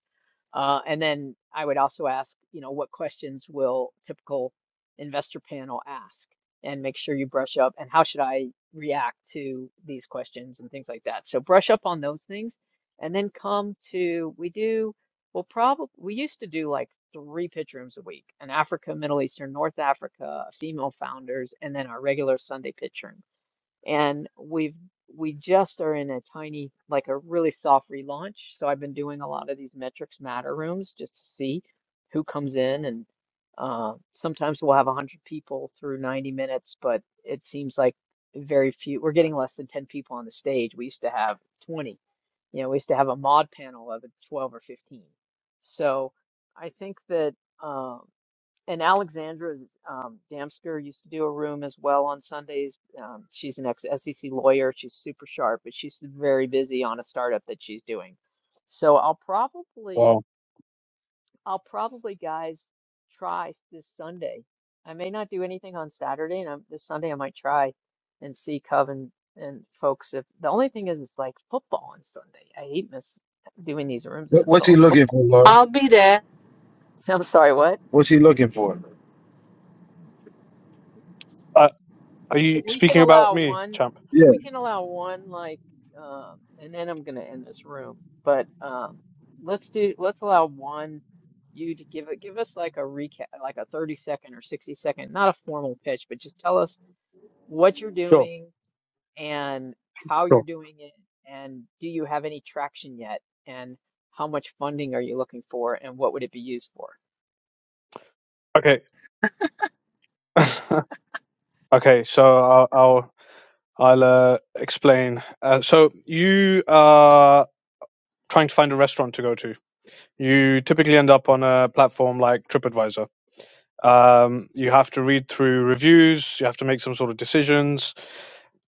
[SPEAKER 1] uh, and then I would also ask, you know, what questions will typical investor panel ask? And make sure you brush up and how should I react to these questions and things like that. So brush up on those things and then come to, we do, well, probably, we used to do like three pitch rooms a week, an Africa, Middle Eastern, North Africa, female founders, and then our regular Sunday pitch room and we've we just are in a tiny like a really soft relaunch so i've been doing a lot of these metrics matter rooms just to see who comes in and uh, sometimes we'll have 100 people through 90 minutes but it seems like very few we're getting less than 10 people on the stage we used to have 20 you know we used to have a mod panel of 12 or 15 so i think that Um, and Alexandra um, Damsker used to do a room as well on Sundays. Um, she's an ex-SEC lawyer. She's super sharp, but she's very busy on a startup that she's doing. So I'll probably,
[SPEAKER 4] Wow.
[SPEAKER 1] I'll probably, guys, try this Sunday. I may not do anything on Saturday, and I'm, this Sunday I might try and see Coven and folks. If the only thing is, it's like football on Sunday. I hate miss doing these rooms in
[SPEAKER 5] What,
[SPEAKER 1] the
[SPEAKER 5] what's
[SPEAKER 1] middle
[SPEAKER 5] he
[SPEAKER 1] of
[SPEAKER 5] looking
[SPEAKER 1] football
[SPEAKER 5] for,
[SPEAKER 1] season.
[SPEAKER 5] Laura?
[SPEAKER 3] I'll be there.
[SPEAKER 1] I'm sorry, what?
[SPEAKER 5] What's he looking for?
[SPEAKER 4] Uh, are you
[SPEAKER 1] we can
[SPEAKER 4] speaking about
[SPEAKER 1] allow
[SPEAKER 4] me,
[SPEAKER 1] one
[SPEAKER 4] champ?
[SPEAKER 1] we can allow one like um and then I'm gonna end this room but um let's do let's allow one you to give it give us like a recap like a 30 second or 60 second not a formal pitch but just tell us what you're
[SPEAKER 4] Sure,
[SPEAKER 1] doing and how you're
[SPEAKER 4] sure.
[SPEAKER 1] doing it and do you have any traction yet and how much funding are you looking for and what would it be used for
[SPEAKER 4] Okay, okay. So I'll, I'll I'll uh, explain. Uh, so you are trying to find a restaurant to go to. You typically end up on a platform like TripAdvisor. Um, you have to read through reviews. You have to make some sort of decisions.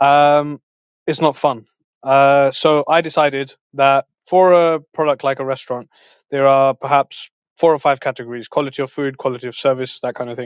[SPEAKER 4] Um, it's not fun. Uh, so I decided that for a product like a restaurant, there are perhaps four or five categories: quality of food, quality of service, that kind of thing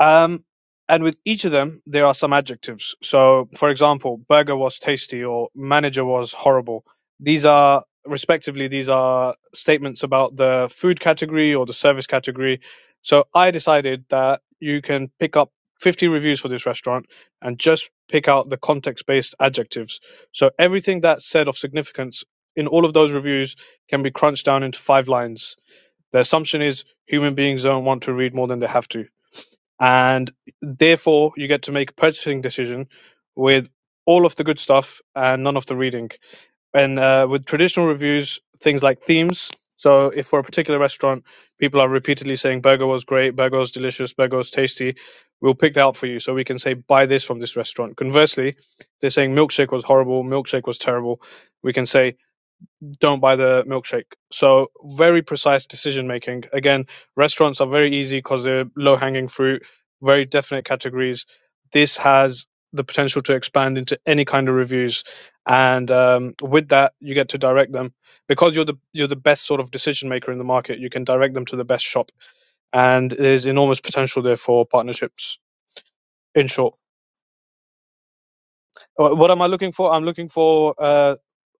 [SPEAKER 4] um, and with each of them, there are some adjectives. So, for example, burger was tasty or manager was horrible. These are, respectively, these are statements about the food category or the service category. So, I decided that you can pick up 50 reviews for this restaurant and just pick out the context based adjectives. So, everything that's said of significance in all of those reviews can be crunched down into five lines. The assumption is human beings don't want to read more than they have to and therefore you get to make a purchasing decision with all of the good stuff and none of the reading. And uh, with traditional reviews, things like themes. So if for a particular restaurant, people are repeatedly saying burger was great, burger was delicious, burger was tasty, we'll pick that up for you. So we can say buy this from this restaurant. Conversely, they're saying milkshake was horrible, milkshake was terrible. We can say don't buy the milkshake. So very precise decision making. Again, restaurants are very easy because they're low hanging fruit, very definite categories. This has the potential to expand into any kind of reviews, and um, with that, you get to direct them because you're the you're the best sort of decision maker in the market. You can direct them to the best shop, and there's enormous potential there for partnerships. In short, Uh, what am I looking for? I'm looking for uh,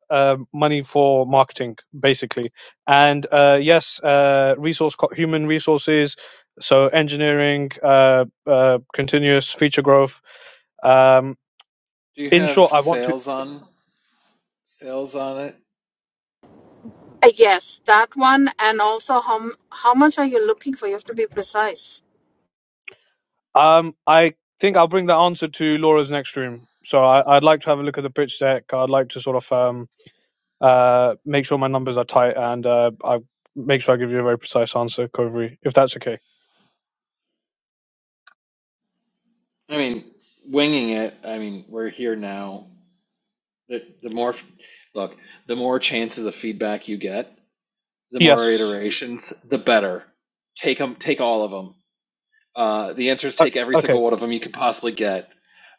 [SPEAKER 4] uh, money for marketing, basically. And uh, yes, uh, resource co- human resources, so engineering, uh, uh, continuous feature growth. Um,
[SPEAKER 6] Do you
[SPEAKER 4] in
[SPEAKER 6] have
[SPEAKER 4] short, I want to.
[SPEAKER 6] sales on sales on it?
[SPEAKER 3] Uh, yes, that one, and also how m- how much are you looking for? You have to be precise.
[SPEAKER 4] Um, I think I'll bring the answer to Laura's next room. So I, I'd like to have a look at the pitch deck. I'd like to sort of um, uh, make sure my numbers are tight, and uh, I make sure I give you a very precise answer, Covery, if that's okay.
[SPEAKER 6] I mean, winging it. I mean, we're here now. The the more look, the more chances of feedback you get, the more
[SPEAKER 4] Yes.
[SPEAKER 6] iterations, the better. Take them, take all of them. Uh, the answer is
[SPEAKER 4] O-
[SPEAKER 6] take every
[SPEAKER 4] Okay.
[SPEAKER 6] single one of them you could possibly get.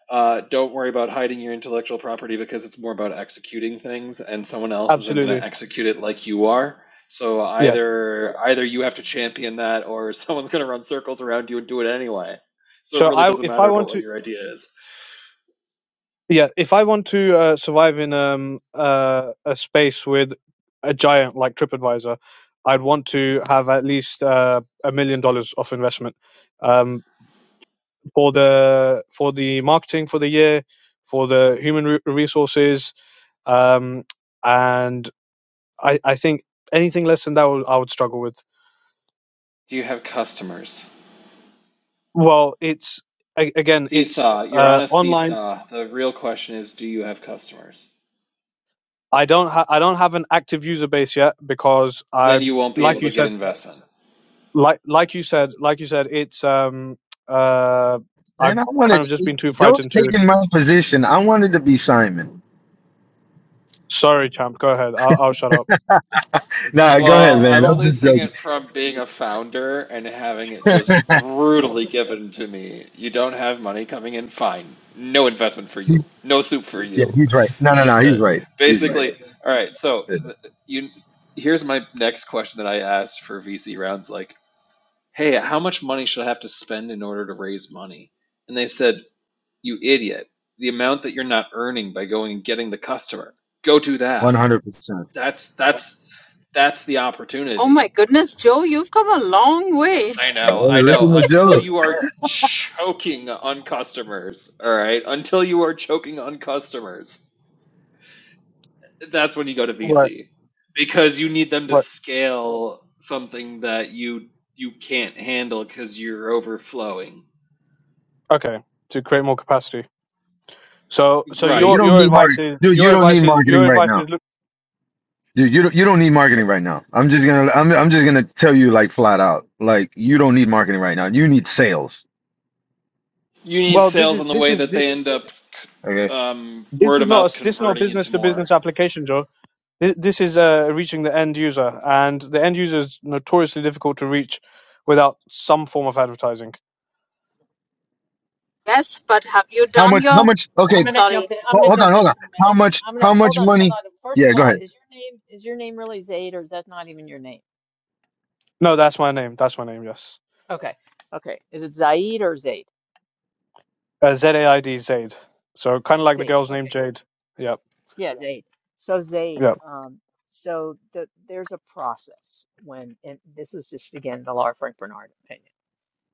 [SPEAKER 6] Uh, don't worry about hiding your intellectual property because it's more about executing things, and someone else isn't going to
[SPEAKER 4] Absolutely.
[SPEAKER 6] execute it like you are. So
[SPEAKER 4] Yeah.
[SPEAKER 6] either either you have to champion that, or someone's going to run circles around you and do it anyway. So it
[SPEAKER 4] So
[SPEAKER 6] really
[SPEAKER 4] I,
[SPEAKER 6] doesn't
[SPEAKER 4] if I
[SPEAKER 6] matter about
[SPEAKER 4] want
[SPEAKER 6] what
[SPEAKER 4] to,
[SPEAKER 6] your idea is.
[SPEAKER 4] yeah, if I want to uh, survive in um uh, a space with a giant like TripAdvisor, I'd want to have at least uh, a million dollars of investment um, for the for the marketing for the year, for the human re- resources, um, and I, I think anything less than that will, I would struggle with.
[SPEAKER 6] Do you have customers?
[SPEAKER 4] Well, it's a- again, it's
[SPEAKER 6] Seesaw. You're on
[SPEAKER 4] uh,
[SPEAKER 6] a
[SPEAKER 4] online.
[SPEAKER 6] seesaw. The real question is, do you have customers?
[SPEAKER 4] I don't ha- I don't have an active user base yet because I,
[SPEAKER 6] Then you won't be
[SPEAKER 4] like
[SPEAKER 6] able
[SPEAKER 4] you
[SPEAKER 6] to get
[SPEAKER 4] said,
[SPEAKER 6] investment.
[SPEAKER 4] like like you said, like you said, it's um uh
[SPEAKER 5] And I
[SPEAKER 4] I've kind
[SPEAKER 5] wanted
[SPEAKER 4] of just
[SPEAKER 5] to,
[SPEAKER 4] been too
[SPEAKER 5] Joe's
[SPEAKER 4] frightened to.
[SPEAKER 5] taking my position. I wanted to be Simon.
[SPEAKER 4] Sorry, champ. Go ahead. I'll, I'll shut up.
[SPEAKER 5] Nah, go ahead,
[SPEAKER 6] Well,
[SPEAKER 5] man.
[SPEAKER 6] I'm
[SPEAKER 5] I'm
[SPEAKER 6] only
[SPEAKER 5] just
[SPEAKER 6] saying
[SPEAKER 5] joking.
[SPEAKER 6] it from being a founder and having it just brutally given to me. You don't have money coming in, fine. No investment for you.
[SPEAKER 5] He's-
[SPEAKER 6] No soup for
[SPEAKER 5] yeah,
[SPEAKER 6] you.
[SPEAKER 5] he's right. No,
[SPEAKER 6] Uh,
[SPEAKER 5] no,
[SPEAKER 6] uh,
[SPEAKER 5] no, he's right. He's right.
[SPEAKER 6] basically, all right. So
[SPEAKER 5] Yeah,
[SPEAKER 6] th- you, here's my next question that I asked for VC rounds, like, hey, how much money should I have to spend in order to raise money? And they said, you idiot, the amount that you're not earning by going and getting the customer, go do
[SPEAKER 5] One
[SPEAKER 6] that.
[SPEAKER 5] hundred percent.
[SPEAKER 6] That's that's that's the
[SPEAKER 3] Oh my
[SPEAKER 6] opportunity
[SPEAKER 3] goodness, Joe, you've come a long way.
[SPEAKER 6] I
[SPEAKER 5] Yeah,
[SPEAKER 6] know, I know.
[SPEAKER 5] Listen to
[SPEAKER 6] Until
[SPEAKER 5] Joe.
[SPEAKER 6] you are choking on customers, all right? Until you are choking on customers, that's when you go to
[SPEAKER 4] Right.
[SPEAKER 6] VC because you need them to
[SPEAKER 4] Right.
[SPEAKER 6] scale something that you you can't handle because you're overflowing.
[SPEAKER 4] Okay. To create more capacity. So so
[SPEAKER 5] Yeah, you
[SPEAKER 6] Right.
[SPEAKER 4] your
[SPEAKER 5] don't
[SPEAKER 4] your
[SPEAKER 5] need
[SPEAKER 4] advice
[SPEAKER 5] marketing,
[SPEAKER 4] is
[SPEAKER 5] dude. You
[SPEAKER 4] your
[SPEAKER 5] don't need
[SPEAKER 4] advice is
[SPEAKER 5] marketing
[SPEAKER 4] your
[SPEAKER 5] right
[SPEAKER 4] advice
[SPEAKER 5] now.
[SPEAKER 4] is look.
[SPEAKER 5] Dude, you don't, you don't need marketing right now. I'm just gonna I'm I'm just gonna tell you like flat out. Like you don't need marketing right now. You need sales.
[SPEAKER 6] You need
[SPEAKER 4] Well, this
[SPEAKER 6] sales
[SPEAKER 4] is
[SPEAKER 6] on the
[SPEAKER 4] this
[SPEAKER 6] way
[SPEAKER 4] is
[SPEAKER 6] that they end up
[SPEAKER 5] Okay.
[SPEAKER 6] um,
[SPEAKER 4] This
[SPEAKER 6] word
[SPEAKER 4] is
[SPEAKER 6] of
[SPEAKER 4] not
[SPEAKER 6] mouth
[SPEAKER 4] a, this is not a
[SPEAKER 6] converting into
[SPEAKER 4] business to
[SPEAKER 6] more.
[SPEAKER 4] business application, Joe. This, this is uh, reaching the end user, and the end user is notoriously difficult to reach without some form of advertising.
[SPEAKER 3] Yes, but have you
[SPEAKER 5] How
[SPEAKER 3] done
[SPEAKER 5] much? How
[SPEAKER 3] your?
[SPEAKER 5] much? Okay.
[SPEAKER 1] I'm
[SPEAKER 5] ho-
[SPEAKER 1] gonna
[SPEAKER 3] Sorry,
[SPEAKER 1] jump in. I'm gonna
[SPEAKER 5] Hold on.
[SPEAKER 1] jump
[SPEAKER 5] Hold
[SPEAKER 1] in
[SPEAKER 5] on.
[SPEAKER 1] for a
[SPEAKER 5] How
[SPEAKER 1] minute.
[SPEAKER 5] much?
[SPEAKER 1] I'm
[SPEAKER 5] How
[SPEAKER 1] gonna hold
[SPEAKER 5] much
[SPEAKER 1] on, hold
[SPEAKER 5] money?
[SPEAKER 1] on. First
[SPEAKER 5] Yeah.
[SPEAKER 1] of
[SPEAKER 5] Go
[SPEAKER 1] all,
[SPEAKER 5] ahead.
[SPEAKER 1] is your name is your name really Zaid or is that not even your name?
[SPEAKER 4] No, that's my name. That's my name. Yes,
[SPEAKER 1] Okay, okay. Is it Zaid or Zaid?
[SPEAKER 4] uh, Z A I D Zaid. So kind of like the
[SPEAKER 1] Zaid.
[SPEAKER 4] girl's name
[SPEAKER 1] Okay.
[SPEAKER 4] Jade. Yep.
[SPEAKER 1] Yeah, Zaid. So Zaid.
[SPEAKER 4] Yep.
[SPEAKER 1] Um. So the, there's a process when, and this is just again the Laura Frank Bernard opinion.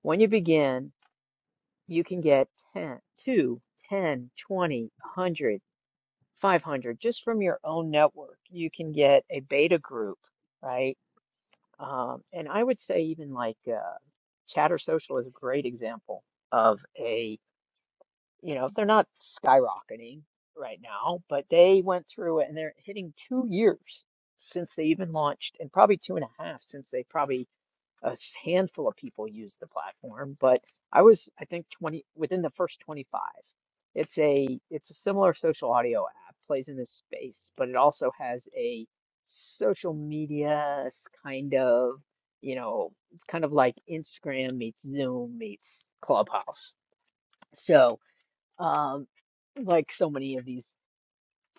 [SPEAKER 1] When you begin, you can get 10, 2, 10, twenty, a hundred, five hundred just from your own network. You can get a beta group, right? Um, and I would say even like uh, Chatter Social is a great example of a, you know, they're not skyrocketing right now, but they went through it and they're hitting two years since they even launched, and probably two and a half since they probably a handful of people use the platform, but I was, I think, 20 within the first 25. It's a it's a similar social audio app, plays in this space, but it also has a social media s- kind of, you know, it's kind of like Instagram meets Zoom meets Clubhouse. So, um, like so many of these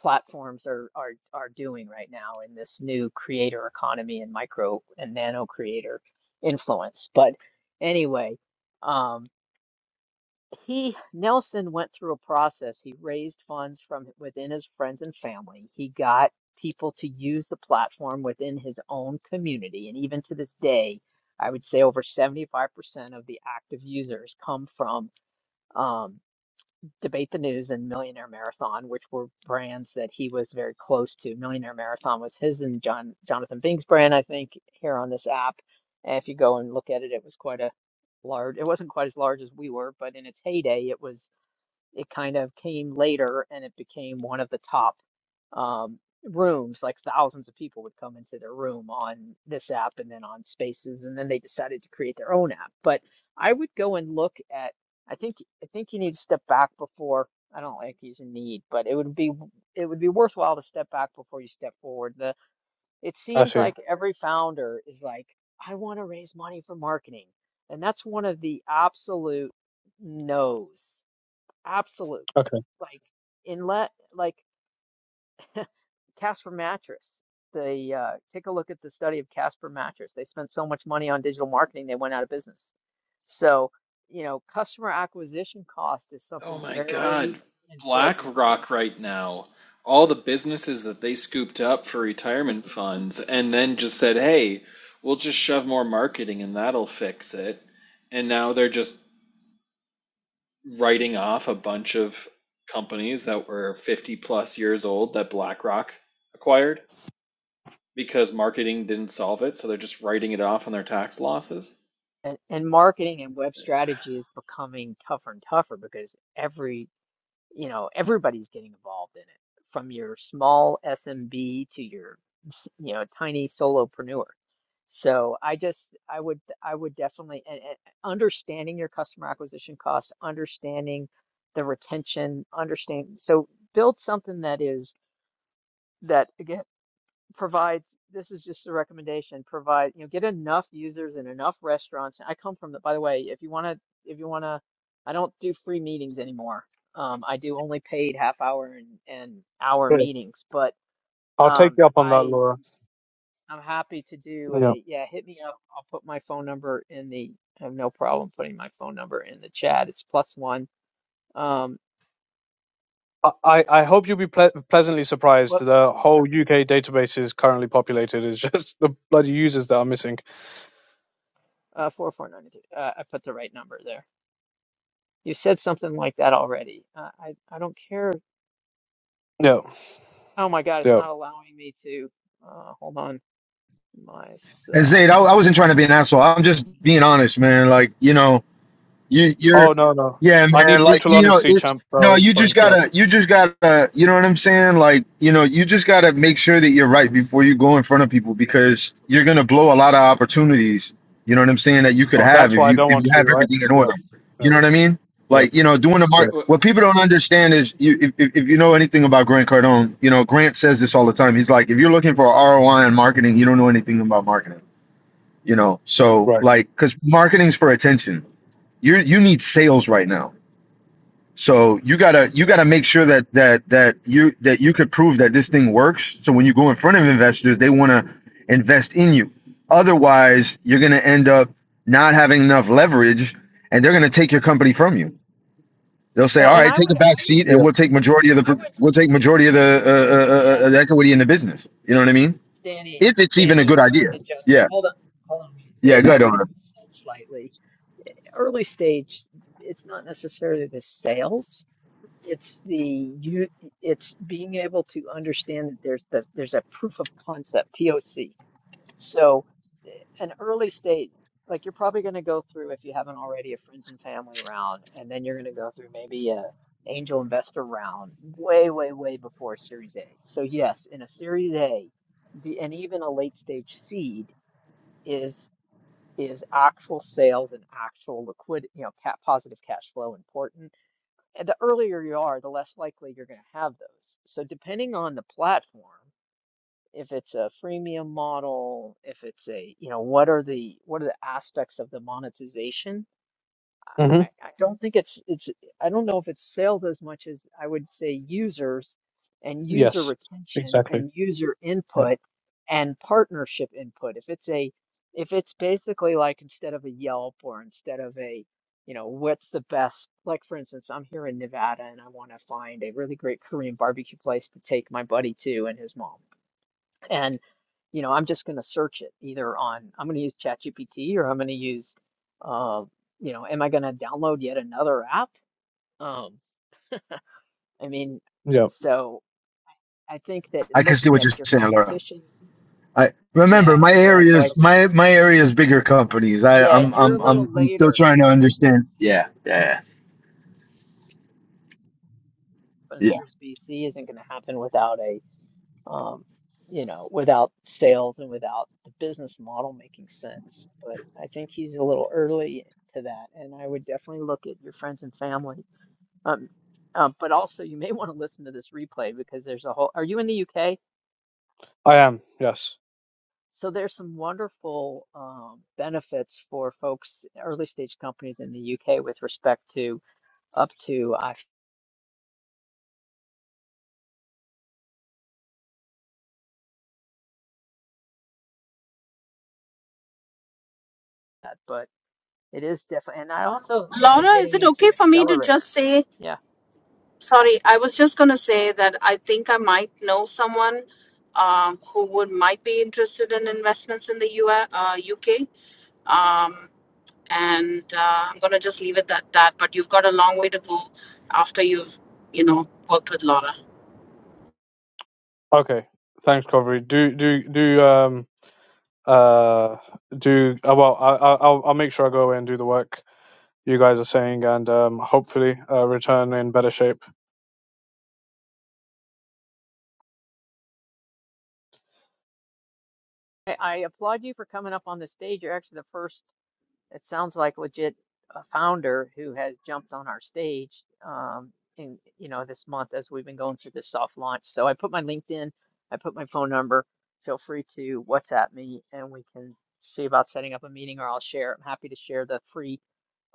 [SPEAKER 1] platforms are are are doing right now in this new creator economy and micro and nano creator influence. But anyway, um, he Nelson went through a process. He raised funds from within his friends and family. He got people to use the platform within his own community, and even to this day, I would say over 75% of the active users come from um, Debate the News and Millionaire Marathon, which were brands that he was very close to. Millionaire Marathon was his and John Jonathan Bing's brand, I think, here on this app. And if you go and look at it, it was quite a large. It wasn't quite as large as we were, but in its heyday, it was it kind of came later and it became one of the top um, rooms. Like thousands of people would come into their room on this app and then on Spaces, and then they decided to create their own app. But I would go and look at. I think I think you need to step back before. I don't like using need, but it would be it would be worthwhile to step back before you step forward. The it
[SPEAKER 4] I
[SPEAKER 1] seems
[SPEAKER 4] see.
[SPEAKER 1] like every founder is like, I want to raise money for marketing, and that's one of the absolute no's. Absolute
[SPEAKER 4] Okay.
[SPEAKER 1] like in let like Casper Mattress. They uh, take a look at the study of Casper Mattress. They spent so much money on digital marketing, they went out of business. So, you know, customer acquisition cost is
[SPEAKER 6] Oh
[SPEAKER 1] something
[SPEAKER 6] my
[SPEAKER 1] very
[SPEAKER 6] God,
[SPEAKER 1] important.
[SPEAKER 6] BlackRock right now, all the businesses that they scooped up for retirement funds and then just said, hey, we'll just shove more marketing and that'll fix it. And now they're just writing off a bunch of companies that were 50 plus years old that BlackRock acquired because marketing didn't solve it, so they're just writing it off on their tax losses.
[SPEAKER 1] And, and marketing and web strategy is becoming tougher and tougher because every, you know, everybody's getting involved in it from your small SMB to your you know, tiny solopreneur. So I just, I would, I would definitely, and, and understanding your customer acquisition cost, understanding the retention, understand. So build something that is, that again, provides, this is just a recommendation, provide, you know, get enough users and enough restaurants. I come from the, by the way, if you want to, if you want to, I don't do free meetings anymore. Um, I do only paid half hour and, and hour
[SPEAKER 4] Great.
[SPEAKER 1] meetings, but
[SPEAKER 4] I'll take
[SPEAKER 1] um,
[SPEAKER 4] you up on that,
[SPEAKER 1] I
[SPEAKER 4] Laura.
[SPEAKER 1] I'm happy to do
[SPEAKER 4] Yeah.
[SPEAKER 1] a, yeah, hit me up. I'll put my phone number in the, I have no problem putting my phone number in the chat. It's plus one. Um,
[SPEAKER 4] I, I I hope you'll be ple- pleasantly surprised.
[SPEAKER 1] whoops,
[SPEAKER 4] The whole UK database is currently populated. It's just the bloody users that are missing.
[SPEAKER 1] uh, four four nine. Uh, I put the right number there. You said something like that already. Uh, I, I don't care.
[SPEAKER 4] Yeah.
[SPEAKER 1] Oh my God, it's
[SPEAKER 4] Yeah.
[SPEAKER 1] not allowing me to, uh, hold on,
[SPEAKER 5] And
[SPEAKER 1] myself.
[SPEAKER 5] Zayd, I, I wasn't trying to be an asshole. I'm just being honest, man. Like, you know, you, you're,
[SPEAKER 4] Oh no no.
[SPEAKER 5] yeah,
[SPEAKER 4] I need
[SPEAKER 5] man. Like,
[SPEAKER 4] brutal
[SPEAKER 5] you know,
[SPEAKER 4] honesty,
[SPEAKER 5] it's
[SPEAKER 4] champ. Oh,
[SPEAKER 5] no,
[SPEAKER 4] it's
[SPEAKER 5] you just
[SPEAKER 4] fine. Yeah.
[SPEAKER 5] gotta, you just gotta, you know what I'm saying? Like, you know, you just gotta make sure that you're right before you go in front of people because you're gonna blow a lot of opportunities. You know what I'm saying? That you could
[SPEAKER 4] Oh,
[SPEAKER 5] have
[SPEAKER 4] that's
[SPEAKER 5] if
[SPEAKER 4] what I
[SPEAKER 5] you
[SPEAKER 4] don't
[SPEAKER 5] if
[SPEAKER 4] want
[SPEAKER 5] you
[SPEAKER 4] to do,
[SPEAKER 5] have
[SPEAKER 4] right?
[SPEAKER 5] everything in
[SPEAKER 4] Yeah.
[SPEAKER 5] order. You
[SPEAKER 4] Yeah.
[SPEAKER 5] know what I mean?
[SPEAKER 4] Yeah.
[SPEAKER 5] Like, you know, doing the
[SPEAKER 4] Yeah.
[SPEAKER 5] mark.
[SPEAKER 6] Wh-
[SPEAKER 5] What people don't understand is, you if, if if you know anything about Grant Cardone, you know, Grant says this all the time. He's like, if you're looking for ROI in marketing, you don't know anything about marketing you know so
[SPEAKER 4] Right.
[SPEAKER 5] like because marketing's for attention you you need sales right now so you gotta you gotta make sure that that that you that you could prove that this thing works so when you go in front of investors they want to invest in you otherwise you're gonna end up not having enough leverage and they're gonna take your company from you they'll say
[SPEAKER 1] Yeah,
[SPEAKER 5] all
[SPEAKER 1] and
[SPEAKER 5] right
[SPEAKER 1] I would,
[SPEAKER 5] take a back
[SPEAKER 1] I
[SPEAKER 5] seat
[SPEAKER 1] would,
[SPEAKER 5] and
[SPEAKER 4] Yeah.
[SPEAKER 5] we'll take majority of the
[SPEAKER 1] I
[SPEAKER 5] pr-
[SPEAKER 1] would,
[SPEAKER 5] we'll take majority of the uh, uh, uh,
[SPEAKER 1] yeah,
[SPEAKER 5] uh, the equity in the business you know what i mean
[SPEAKER 1] Danny,
[SPEAKER 5] if it's even a
[SPEAKER 1] Danny,
[SPEAKER 5] good
[SPEAKER 1] I would
[SPEAKER 5] idea
[SPEAKER 1] adjust.
[SPEAKER 5] yeah
[SPEAKER 1] Hold on, hold on,
[SPEAKER 5] yeah
[SPEAKER 1] Zaid.
[SPEAKER 5] go
[SPEAKER 1] I
[SPEAKER 5] ahead
[SPEAKER 1] would
[SPEAKER 5] Laura.
[SPEAKER 1] adjust that slightly. early stage, it's not necessarily the sales. It's the you. It's being able to understand that there's the there's a proof of concept (POC). So an early stage, like you're probably going to go through if you haven't already a friends and family round, and then you're going to go through maybe a angel investor round, way way way before Series A. So yes, in a Series A, the and even a late stage seed. is is actual sales and actual liquid, you know, ca positive cash flow important? And the earlier you are, the less likely you're going to have those. So depending on the platform, if it's a freemium model, if it's a, you know, what are the what are the aspects of the monetization? I,
[SPEAKER 4] Mhm.
[SPEAKER 1] I don't think it's it's I don't know if it's sales as much as I would say users and user
[SPEAKER 4] Yes.
[SPEAKER 1] retention
[SPEAKER 4] Exactly.
[SPEAKER 1] and user
[SPEAKER 4] Yeah.
[SPEAKER 1] input and partnership input. If it's a if it's basically like instead of a Yelp or instead of a you know what's the best like for instance I'm here in Nevada and I want to find a really great Korean barbecue place to take my buddy to and his mom you know, I'm just going to search it either on, I'm going to use ChatGPT or I'm going to use, uh, you know, am I going to download yet another app? Um, I mean,
[SPEAKER 4] yeah.
[SPEAKER 1] so I think that
[SPEAKER 5] i can see
[SPEAKER 1] looking
[SPEAKER 5] what
[SPEAKER 1] at
[SPEAKER 5] you're
[SPEAKER 1] your
[SPEAKER 5] saying Laura.
[SPEAKER 1] competition,
[SPEAKER 5] I remember
[SPEAKER 1] yeah,
[SPEAKER 5] my
[SPEAKER 1] yeah. So I
[SPEAKER 5] area's
[SPEAKER 1] think,
[SPEAKER 5] my my area's bigger companies. I
[SPEAKER 1] yeah,
[SPEAKER 5] I'm
[SPEAKER 1] you're a
[SPEAKER 5] I'm
[SPEAKER 1] little
[SPEAKER 5] I'm I'm still
[SPEAKER 1] later,
[SPEAKER 5] trying to understand. Yeah, yeah,
[SPEAKER 1] but as
[SPEAKER 5] yeah.
[SPEAKER 1] far as BC isn't going to happen without a, um, you know, without sales and without the business model making sense. But I think he's a little early to that, and I would definitely look at your friends and family Um, um, but also, you may want to listen to this replay because there's a whole. Are you in the UK?
[SPEAKER 4] I am. Yes.
[SPEAKER 1] So there's some wonderful um, benefits for folks, early stage companies in the UK with respect to up to IFAT, but it is definitely, And I also look at
[SPEAKER 3] Laura, is
[SPEAKER 1] getting
[SPEAKER 3] it
[SPEAKER 1] into
[SPEAKER 3] okay
[SPEAKER 1] an
[SPEAKER 3] for me to just
[SPEAKER 1] accelerator.
[SPEAKER 3] say?
[SPEAKER 1] Yeah, yeah.
[SPEAKER 3] Sorry, I was just going to say that I think I might know someone um, who would might be interested in investments in the US, uh, UK. Um, and uh, I'm going to just leave it at that. But you've got a long way to go after you've, you know, worked with Laura.
[SPEAKER 4] Okay. Thanks, Covery. Do do do um uh do uh, well. I, I I'll I'll make sure I go away and do the work you guys are saying, and um hopefully uh, return in better shape.
[SPEAKER 1] I, I applaud you for coming up on the stage. You're actually the first. it sounds like legit a founder who has jumped on our stage um in you know this month as we've been going through this soft launch so i put my linkedin i put my phone number feel free to whatsapp me and we can see about setting up a meeting or i'll share i'm happy to share the free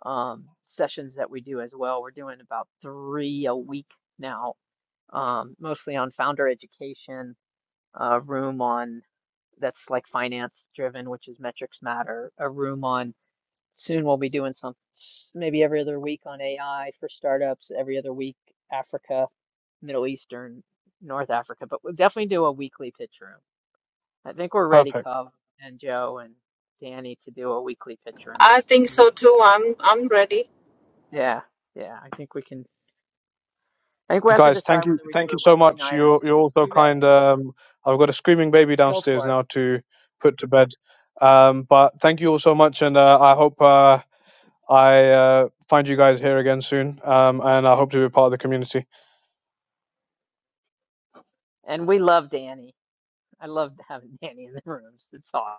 [SPEAKER 1] um sessions that we do as well we're doing about three a week now um mostly on founder education a room on that's like finance driven which is metrics matter a room on Soon we'll be doing some, maybe every other week on AI for startups, every other week Africa, Middle Eastern, North Africa, but we'll definitely do a weekly pitch room. I think we're ready,
[SPEAKER 4] Perfect.
[SPEAKER 1] Cub and Joe and Danny, to do a weekly pitch room
[SPEAKER 3] I
[SPEAKER 1] this.
[SPEAKER 3] think so too. I'm I'm ready.
[SPEAKER 1] Yeah, yeah, I think we can. I think we have to
[SPEAKER 4] Guys,
[SPEAKER 1] decide
[SPEAKER 4] thank you,
[SPEAKER 1] whether we do
[SPEAKER 4] thank you
[SPEAKER 1] it
[SPEAKER 4] so
[SPEAKER 1] Wednesday
[SPEAKER 4] much.
[SPEAKER 1] night or
[SPEAKER 4] You're you're
[SPEAKER 1] Sunday.
[SPEAKER 4] all so
[SPEAKER 1] You bet.
[SPEAKER 4] kind. Um, I've got a screaming baby
[SPEAKER 1] Go
[SPEAKER 4] downstairs
[SPEAKER 1] for it.
[SPEAKER 4] now to put to bed. Um, but thank you all so much, and uh, I hope uh, I uh, find you guys here again soon. Um, and I hope to be a part of the community.
[SPEAKER 1] And we love Danny. I love having Danny in the rooms. It's awesome.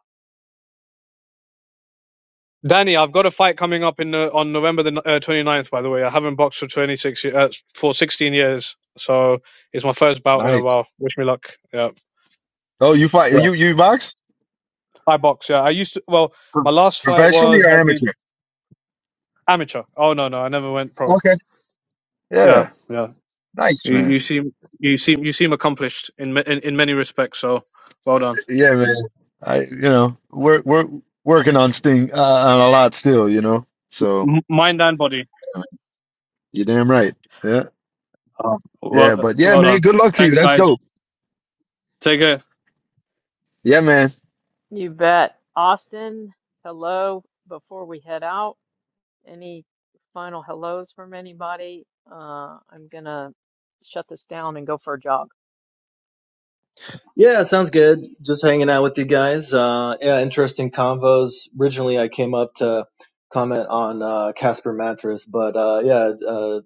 [SPEAKER 4] Danny, I've got a fight coming up in uh, on November the n- uh, 29th. By the way, I haven't boxed for 26 ye- uh, for 16 years, so it's my first bout in a
[SPEAKER 5] Nice.
[SPEAKER 4] while. Wish me luck. Yeah,
[SPEAKER 5] Oh, you fight
[SPEAKER 4] yeah.
[SPEAKER 5] you you box
[SPEAKER 4] I box. Yeah, I used to. Well, my
[SPEAKER 5] Pro-
[SPEAKER 4] last fight
[SPEAKER 5] professionally
[SPEAKER 4] was
[SPEAKER 5] or
[SPEAKER 4] at the
[SPEAKER 5] amateur?
[SPEAKER 4] amateur. Oh no, no, I never went pro.
[SPEAKER 5] Okay.
[SPEAKER 4] Yeah,
[SPEAKER 5] Yeah.
[SPEAKER 4] yeah.
[SPEAKER 5] Nice,
[SPEAKER 4] You,
[SPEAKER 5] man.
[SPEAKER 4] you seem you seem you seem accomplished in ma- in, in many respects. So, well done,
[SPEAKER 5] Yeah, man. I you know we're we're working on sting uh, on a lot still. You know, so
[SPEAKER 4] M- mind and body.
[SPEAKER 5] you're damn right. Yeah,
[SPEAKER 4] Oh.
[SPEAKER 5] yeah.
[SPEAKER 4] Well,
[SPEAKER 5] But yeah,
[SPEAKER 4] well
[SPEAKER 5] man.
[SPEAKER 4] done.
[SPEAKER 5] Good luck to you.
[SPEAKER 4] Thanks,
[SPEAKER 5] That's
[SPEAKER 4] guys.
[SPEAKER 5] dope.
[SPEAKER 4] Take care.
[SPEAKER 5] Yeah, man.
[SPEAKER 1] You bet. Austin, hello. Before we head out. Any final hellos from anybody? Uh, I'm gonna shut this down and go for a jog.
[SPEAKER 7] Yeah, sounds good. Just hanging out with you guys. Uh, yeah, interesting convos. Originally, I came up to comment on uh, Casper Mattress, but uh, yeah, uh,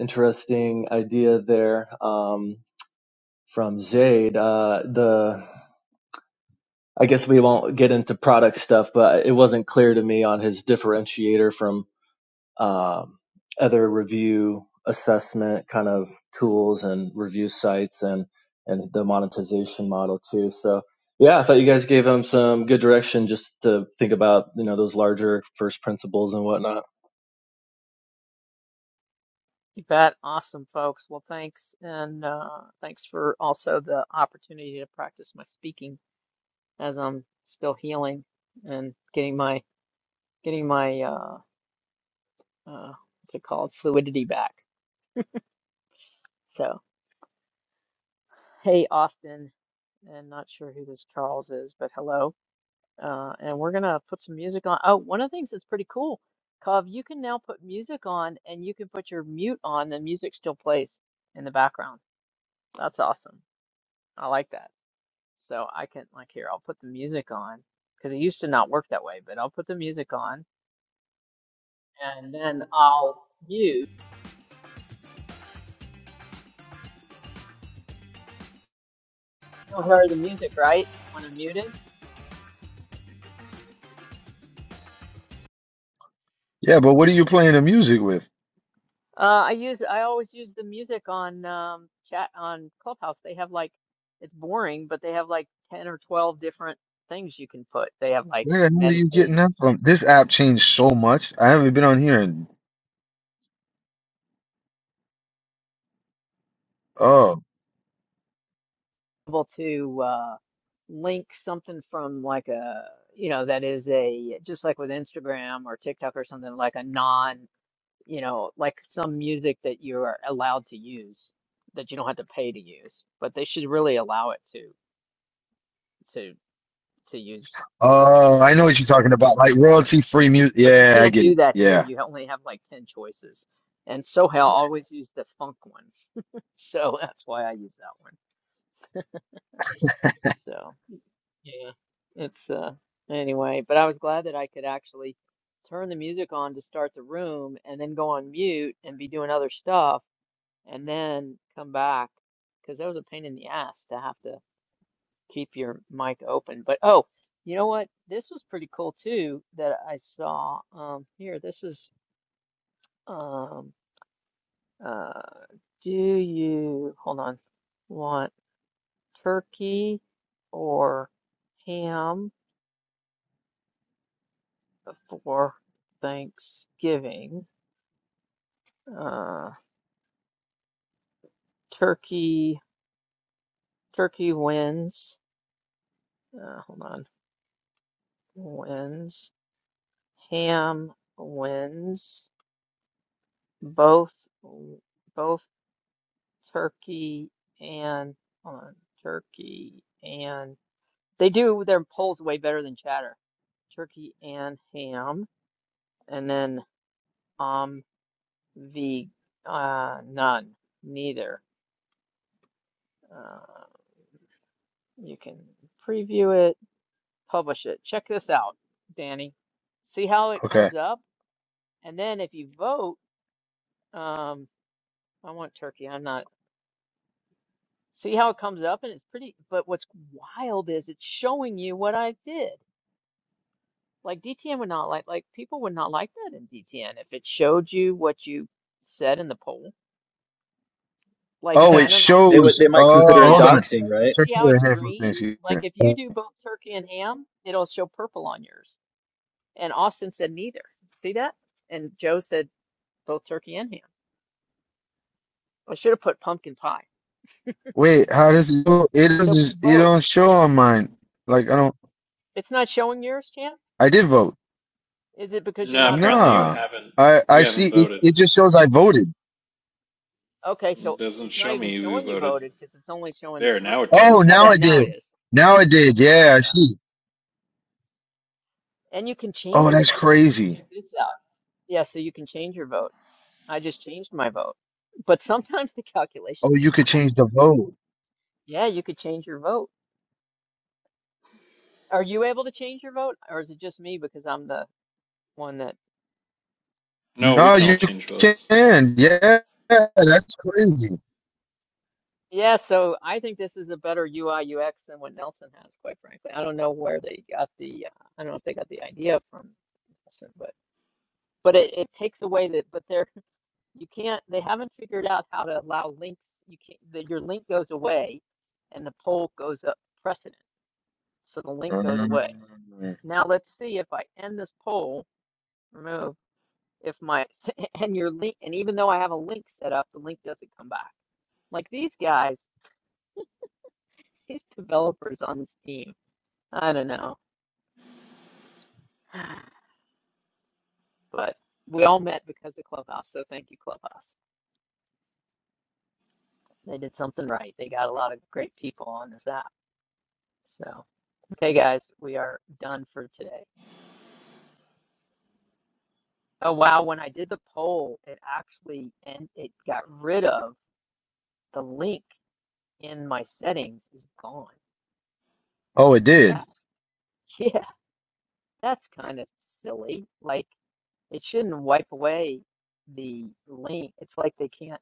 [SPEAKER 7] interesting idea there um, from Zaid. Uh, the I guess we won't get into product stuff, but it wasn't clear to me on his differentiator from um, other review assessment kind of tools and review sites and and the monetization model too. So yeah, I thought you guys gave them some good direction just to think about you know those larger first principles and whatnot.
[SPEAKER 1] You bet. Awesome, folks. Well, thanks, and uh, thanks for also the opportunity to practice my speaking as I'm still healing and getting my getting my uh, uh, what's it called fluidity back. So, hey, Austin, and not sure who this Charles is, but hello. Uh, and we're gonna put some music on. Oh, one of the things that's pretty cool, Cov, you can now put music on and you can put your mute on, the music still plays in the background. That's awesome. I like that. So I can like here, I'll put the music on because it used to not work that way, but I'll put the music on and then I'll mute. You'll hear the music, right? When I mute it.
[SPEAKER 5] Yeah, but what are you playing the music with?
[SPEAKER 1] Uh, I use I always use the music on um, chat on Clubhouse. They have like it's boring, but they have like 10 or 12 different things you can put. They have like
[SPEAKER 5] Where the hell are you getting
[SPEAKER 1] meditate,
[SPEAKER 5] that from? This app changed so much. I haven't been on here in oh.
[SPEAKER 1] able to uh, link something from like a you know that is a just like with Instagram or TikTok or something like a non you know like some music that you are allowed to use that you don't have to pay to use, but they should really allow it to to to use.
[SPEAKER 5] Oh, I know what you're talking about. Like royalty free music.
[SPEAKER 1] But you
[SPEAKER 5] Yeah, I
[SPEAKER 1] can't
[SPEAKER 5] get it.
[SPEAKER 1] do that here.
[SPEAKER 5] Yeah.
[SPEAKER 1] You only have like 10 choices. And somehow I always use the funk one. So that's why I use that one. So, yeah, it's uh anyway, but I was glad that I could actually turn the music on to start the room and then go on mute and be doing other stuff and then come back because that was a pain in the ass to have to keep your mic open. But oh, you know what? This was pretty cool too that I saw. Um, here, this is um Uh, do you, hold on, want turkey or ham for Thanksgiving? Uh, turkey, turkey wins. Uh, hold on, wins. Ham wins. Both, both turkey and, hold on, turkey and, they do their polls way better than chatter. Turkey and ham. And then Um, the uh, none, neither. Uh, you can preview it, publish it. Check this out, Danny. See how it
[SPEAKER 5] Okay.
[SPEAKER 1] comes up, and then if you vote, um, I want turkey. I'm not. See how it comes up, and it's pretty. But what's wild is it's showing you what I did. Like DTN would not like like people would not like that in DTN if it showed you what you said in the poll. Like,
[SPEAKER 5] Oh,
[SPEAKER 1] and I
[SPEAKER 5] it
[SPEAKER 1] don't know.
[SPEAKER 7] They would
[SPEAKER 5] shows.
[SPEAKER 7] they might
[SPEAKER 5] Oh,
[SPEAKER 7] consider it
[SPEAKER 1] Yeah,
[SPEAKER 5] hold on.
[SPEAKER 7] doxing, right?
[SPEAKER 5] Check
[SPEAKER 1] See how
[SPEAKER 5] the
[SPEAKER 1] it's
[SPEAKER 5] handful of
[SPEAKER 1] green?
[SPEAKER 5] things here.
[SPEAKER 1] Like if you do both turkey and ham, it'll show purple on yours. And Austin said neither. See that? And Joe said both turkey and ham. I should have put pumpkin pie.
[SPEAKER 5] Wait, how does it show? It
[SPEAKER 1] So for
[SPEAKER 5] doesn't it
[SPEAKER 1] both.
[SPEAKER 5] don't show on mine. Like I don't
[SPEAKER 1] It's not showing yours, Chan?
[SPEAKER 5] I did vote.
[SPEAKER 1] Is it because you're
[SPEAKER 6] No,
[SPEAKER 1] not a
[SPEAKER 6] apparently
[SPEAKER 1] member
[SPEAKER 6] you
[SPEAKER 1] of
[SPEAKER 5] Nah.
[SPEAKER 6] haven't
[SPEAKER 5] I I
[SPEAKER 6] you
[SPEAKER 5] see
[SPEAKER 6] haven't
[SPEAKER 1] see?
[SPEAKER 5] it
[SPEAKER 6] voted.
[SPEAKER 5] it just shows I voted.
[SPEAKER 1] Okay,
[SPEAKER 6] It
[SPEAKER 1] so
[SPEAKER 6] doesn't
[SPEAKER 1] it's not
[SPEAKER 6] show
[SPEAKER 1] even
[SPEAKER 6] me who
[SPEAKER 1] showing you
[SPEAKER 6] voted.
[SPEAKER 1] voted because it's only showing
[SPEAKER 6] There,
[SPEAKER 1] three.
[SPEAKER 6] now it
[SPEAKER 5] Oh,
[SPEAKER 6] does.
[SPEAKER 1] Oh,
[SPEAKER 5] now
[SPEAKER 1] that
[SPEAKER 5] it
[SPEAKER 1] now it
[SPEAKER 5] did.
[SPEAKER 1] is.
[SPEAKER 5] Now it did. Yeah, I
[SPEAKER 1] Yeah.
[SPEAKER 5] see.
[SPEAKER 1] And you can change
[SPEAKER 5] Oh,
[SPEAKER 1] your
[SPEAKER 5] that's
[SPEAKER 1] vote.
[SPEAKER 5] crazy.
[SPEAKER 1] Check this out. Yeah, so you can change your vote. I just changed my vote. But sometimes the
[SPEAKER 5] Oh,
[SPEAKER 1] calculations are
[SPEAKER 5] you could
[SPEAKER 1] not
[SPEAKER 5] change
[SPEAKER 1] accurate.
[SPEAKER 5] the vote.
[SPEAKER 1] Yeah, you could change your vote. Are you able to change your vote, or is it just me because I'm the one that?
[SPEAKER 6] No, we
[SPEAKER 5] No,
[SPEAKER 6] can all
[SPEAKER 5] you
[SPEAKER 6] change votes.
[SPEAKER 1] Eh.
[SPEAKER 5] can. Yeah, that's crazy.
[SPEAKER 1] Yeah, so I think this is a better UI UX than what Nelson has, quite frankly. I don't know where they got the, uh, I don't know if they got the idea from Nelson, but but it, it takes away that, but they're you can't, they haven't figured out how to allow links. You can't, the, your link goes away, and the poll goes up precedent, so the link goes away.
[SPEAKER 5] Mm.
[SPEAKER 1] Now let's see if I end this poll, remove. if my and your link and even though I have a link set up, the link doesn't come back. Like these guys, these developers on this team. I don't know. But we all met because of Clubhouse, so thank you, Clubhouse. They did something right. They got a lot of great people on this app. So okay guys, we are done for today. Oh wow, when I did the poll, it actually and it got rid of the link in my settings is gone.
[SPEAKER 5] Oh, it did.
[SPEAKER 1] That's yeah, that's kind of silly. Like It shouldn't wipe away the link. It's like they can't,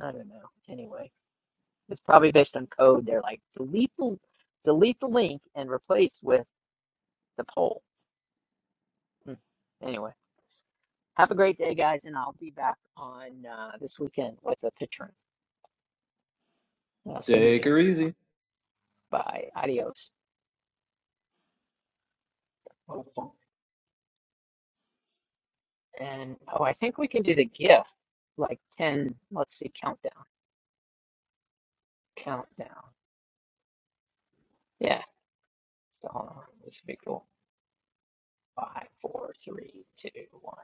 [SPEAKER 1] I don't know. Anyway, it's probably based on code. They're like, delete the, delete the link and replace with the poll. Hmm. Anyway, have a great day, guys, and I'll be back on uh, this weekend with a picture. I'll send you
[SPEAKER 7] Take her
[SPEAKER 1] guys.
[SPEAKER 7] easy.
[SPEAKER 1] Bye. Adios. And oh, I think we can do the GIF, like 10, let's see, countdown, countdown. Yeah. So hold on. This would be cool. Five, four, three, two, one.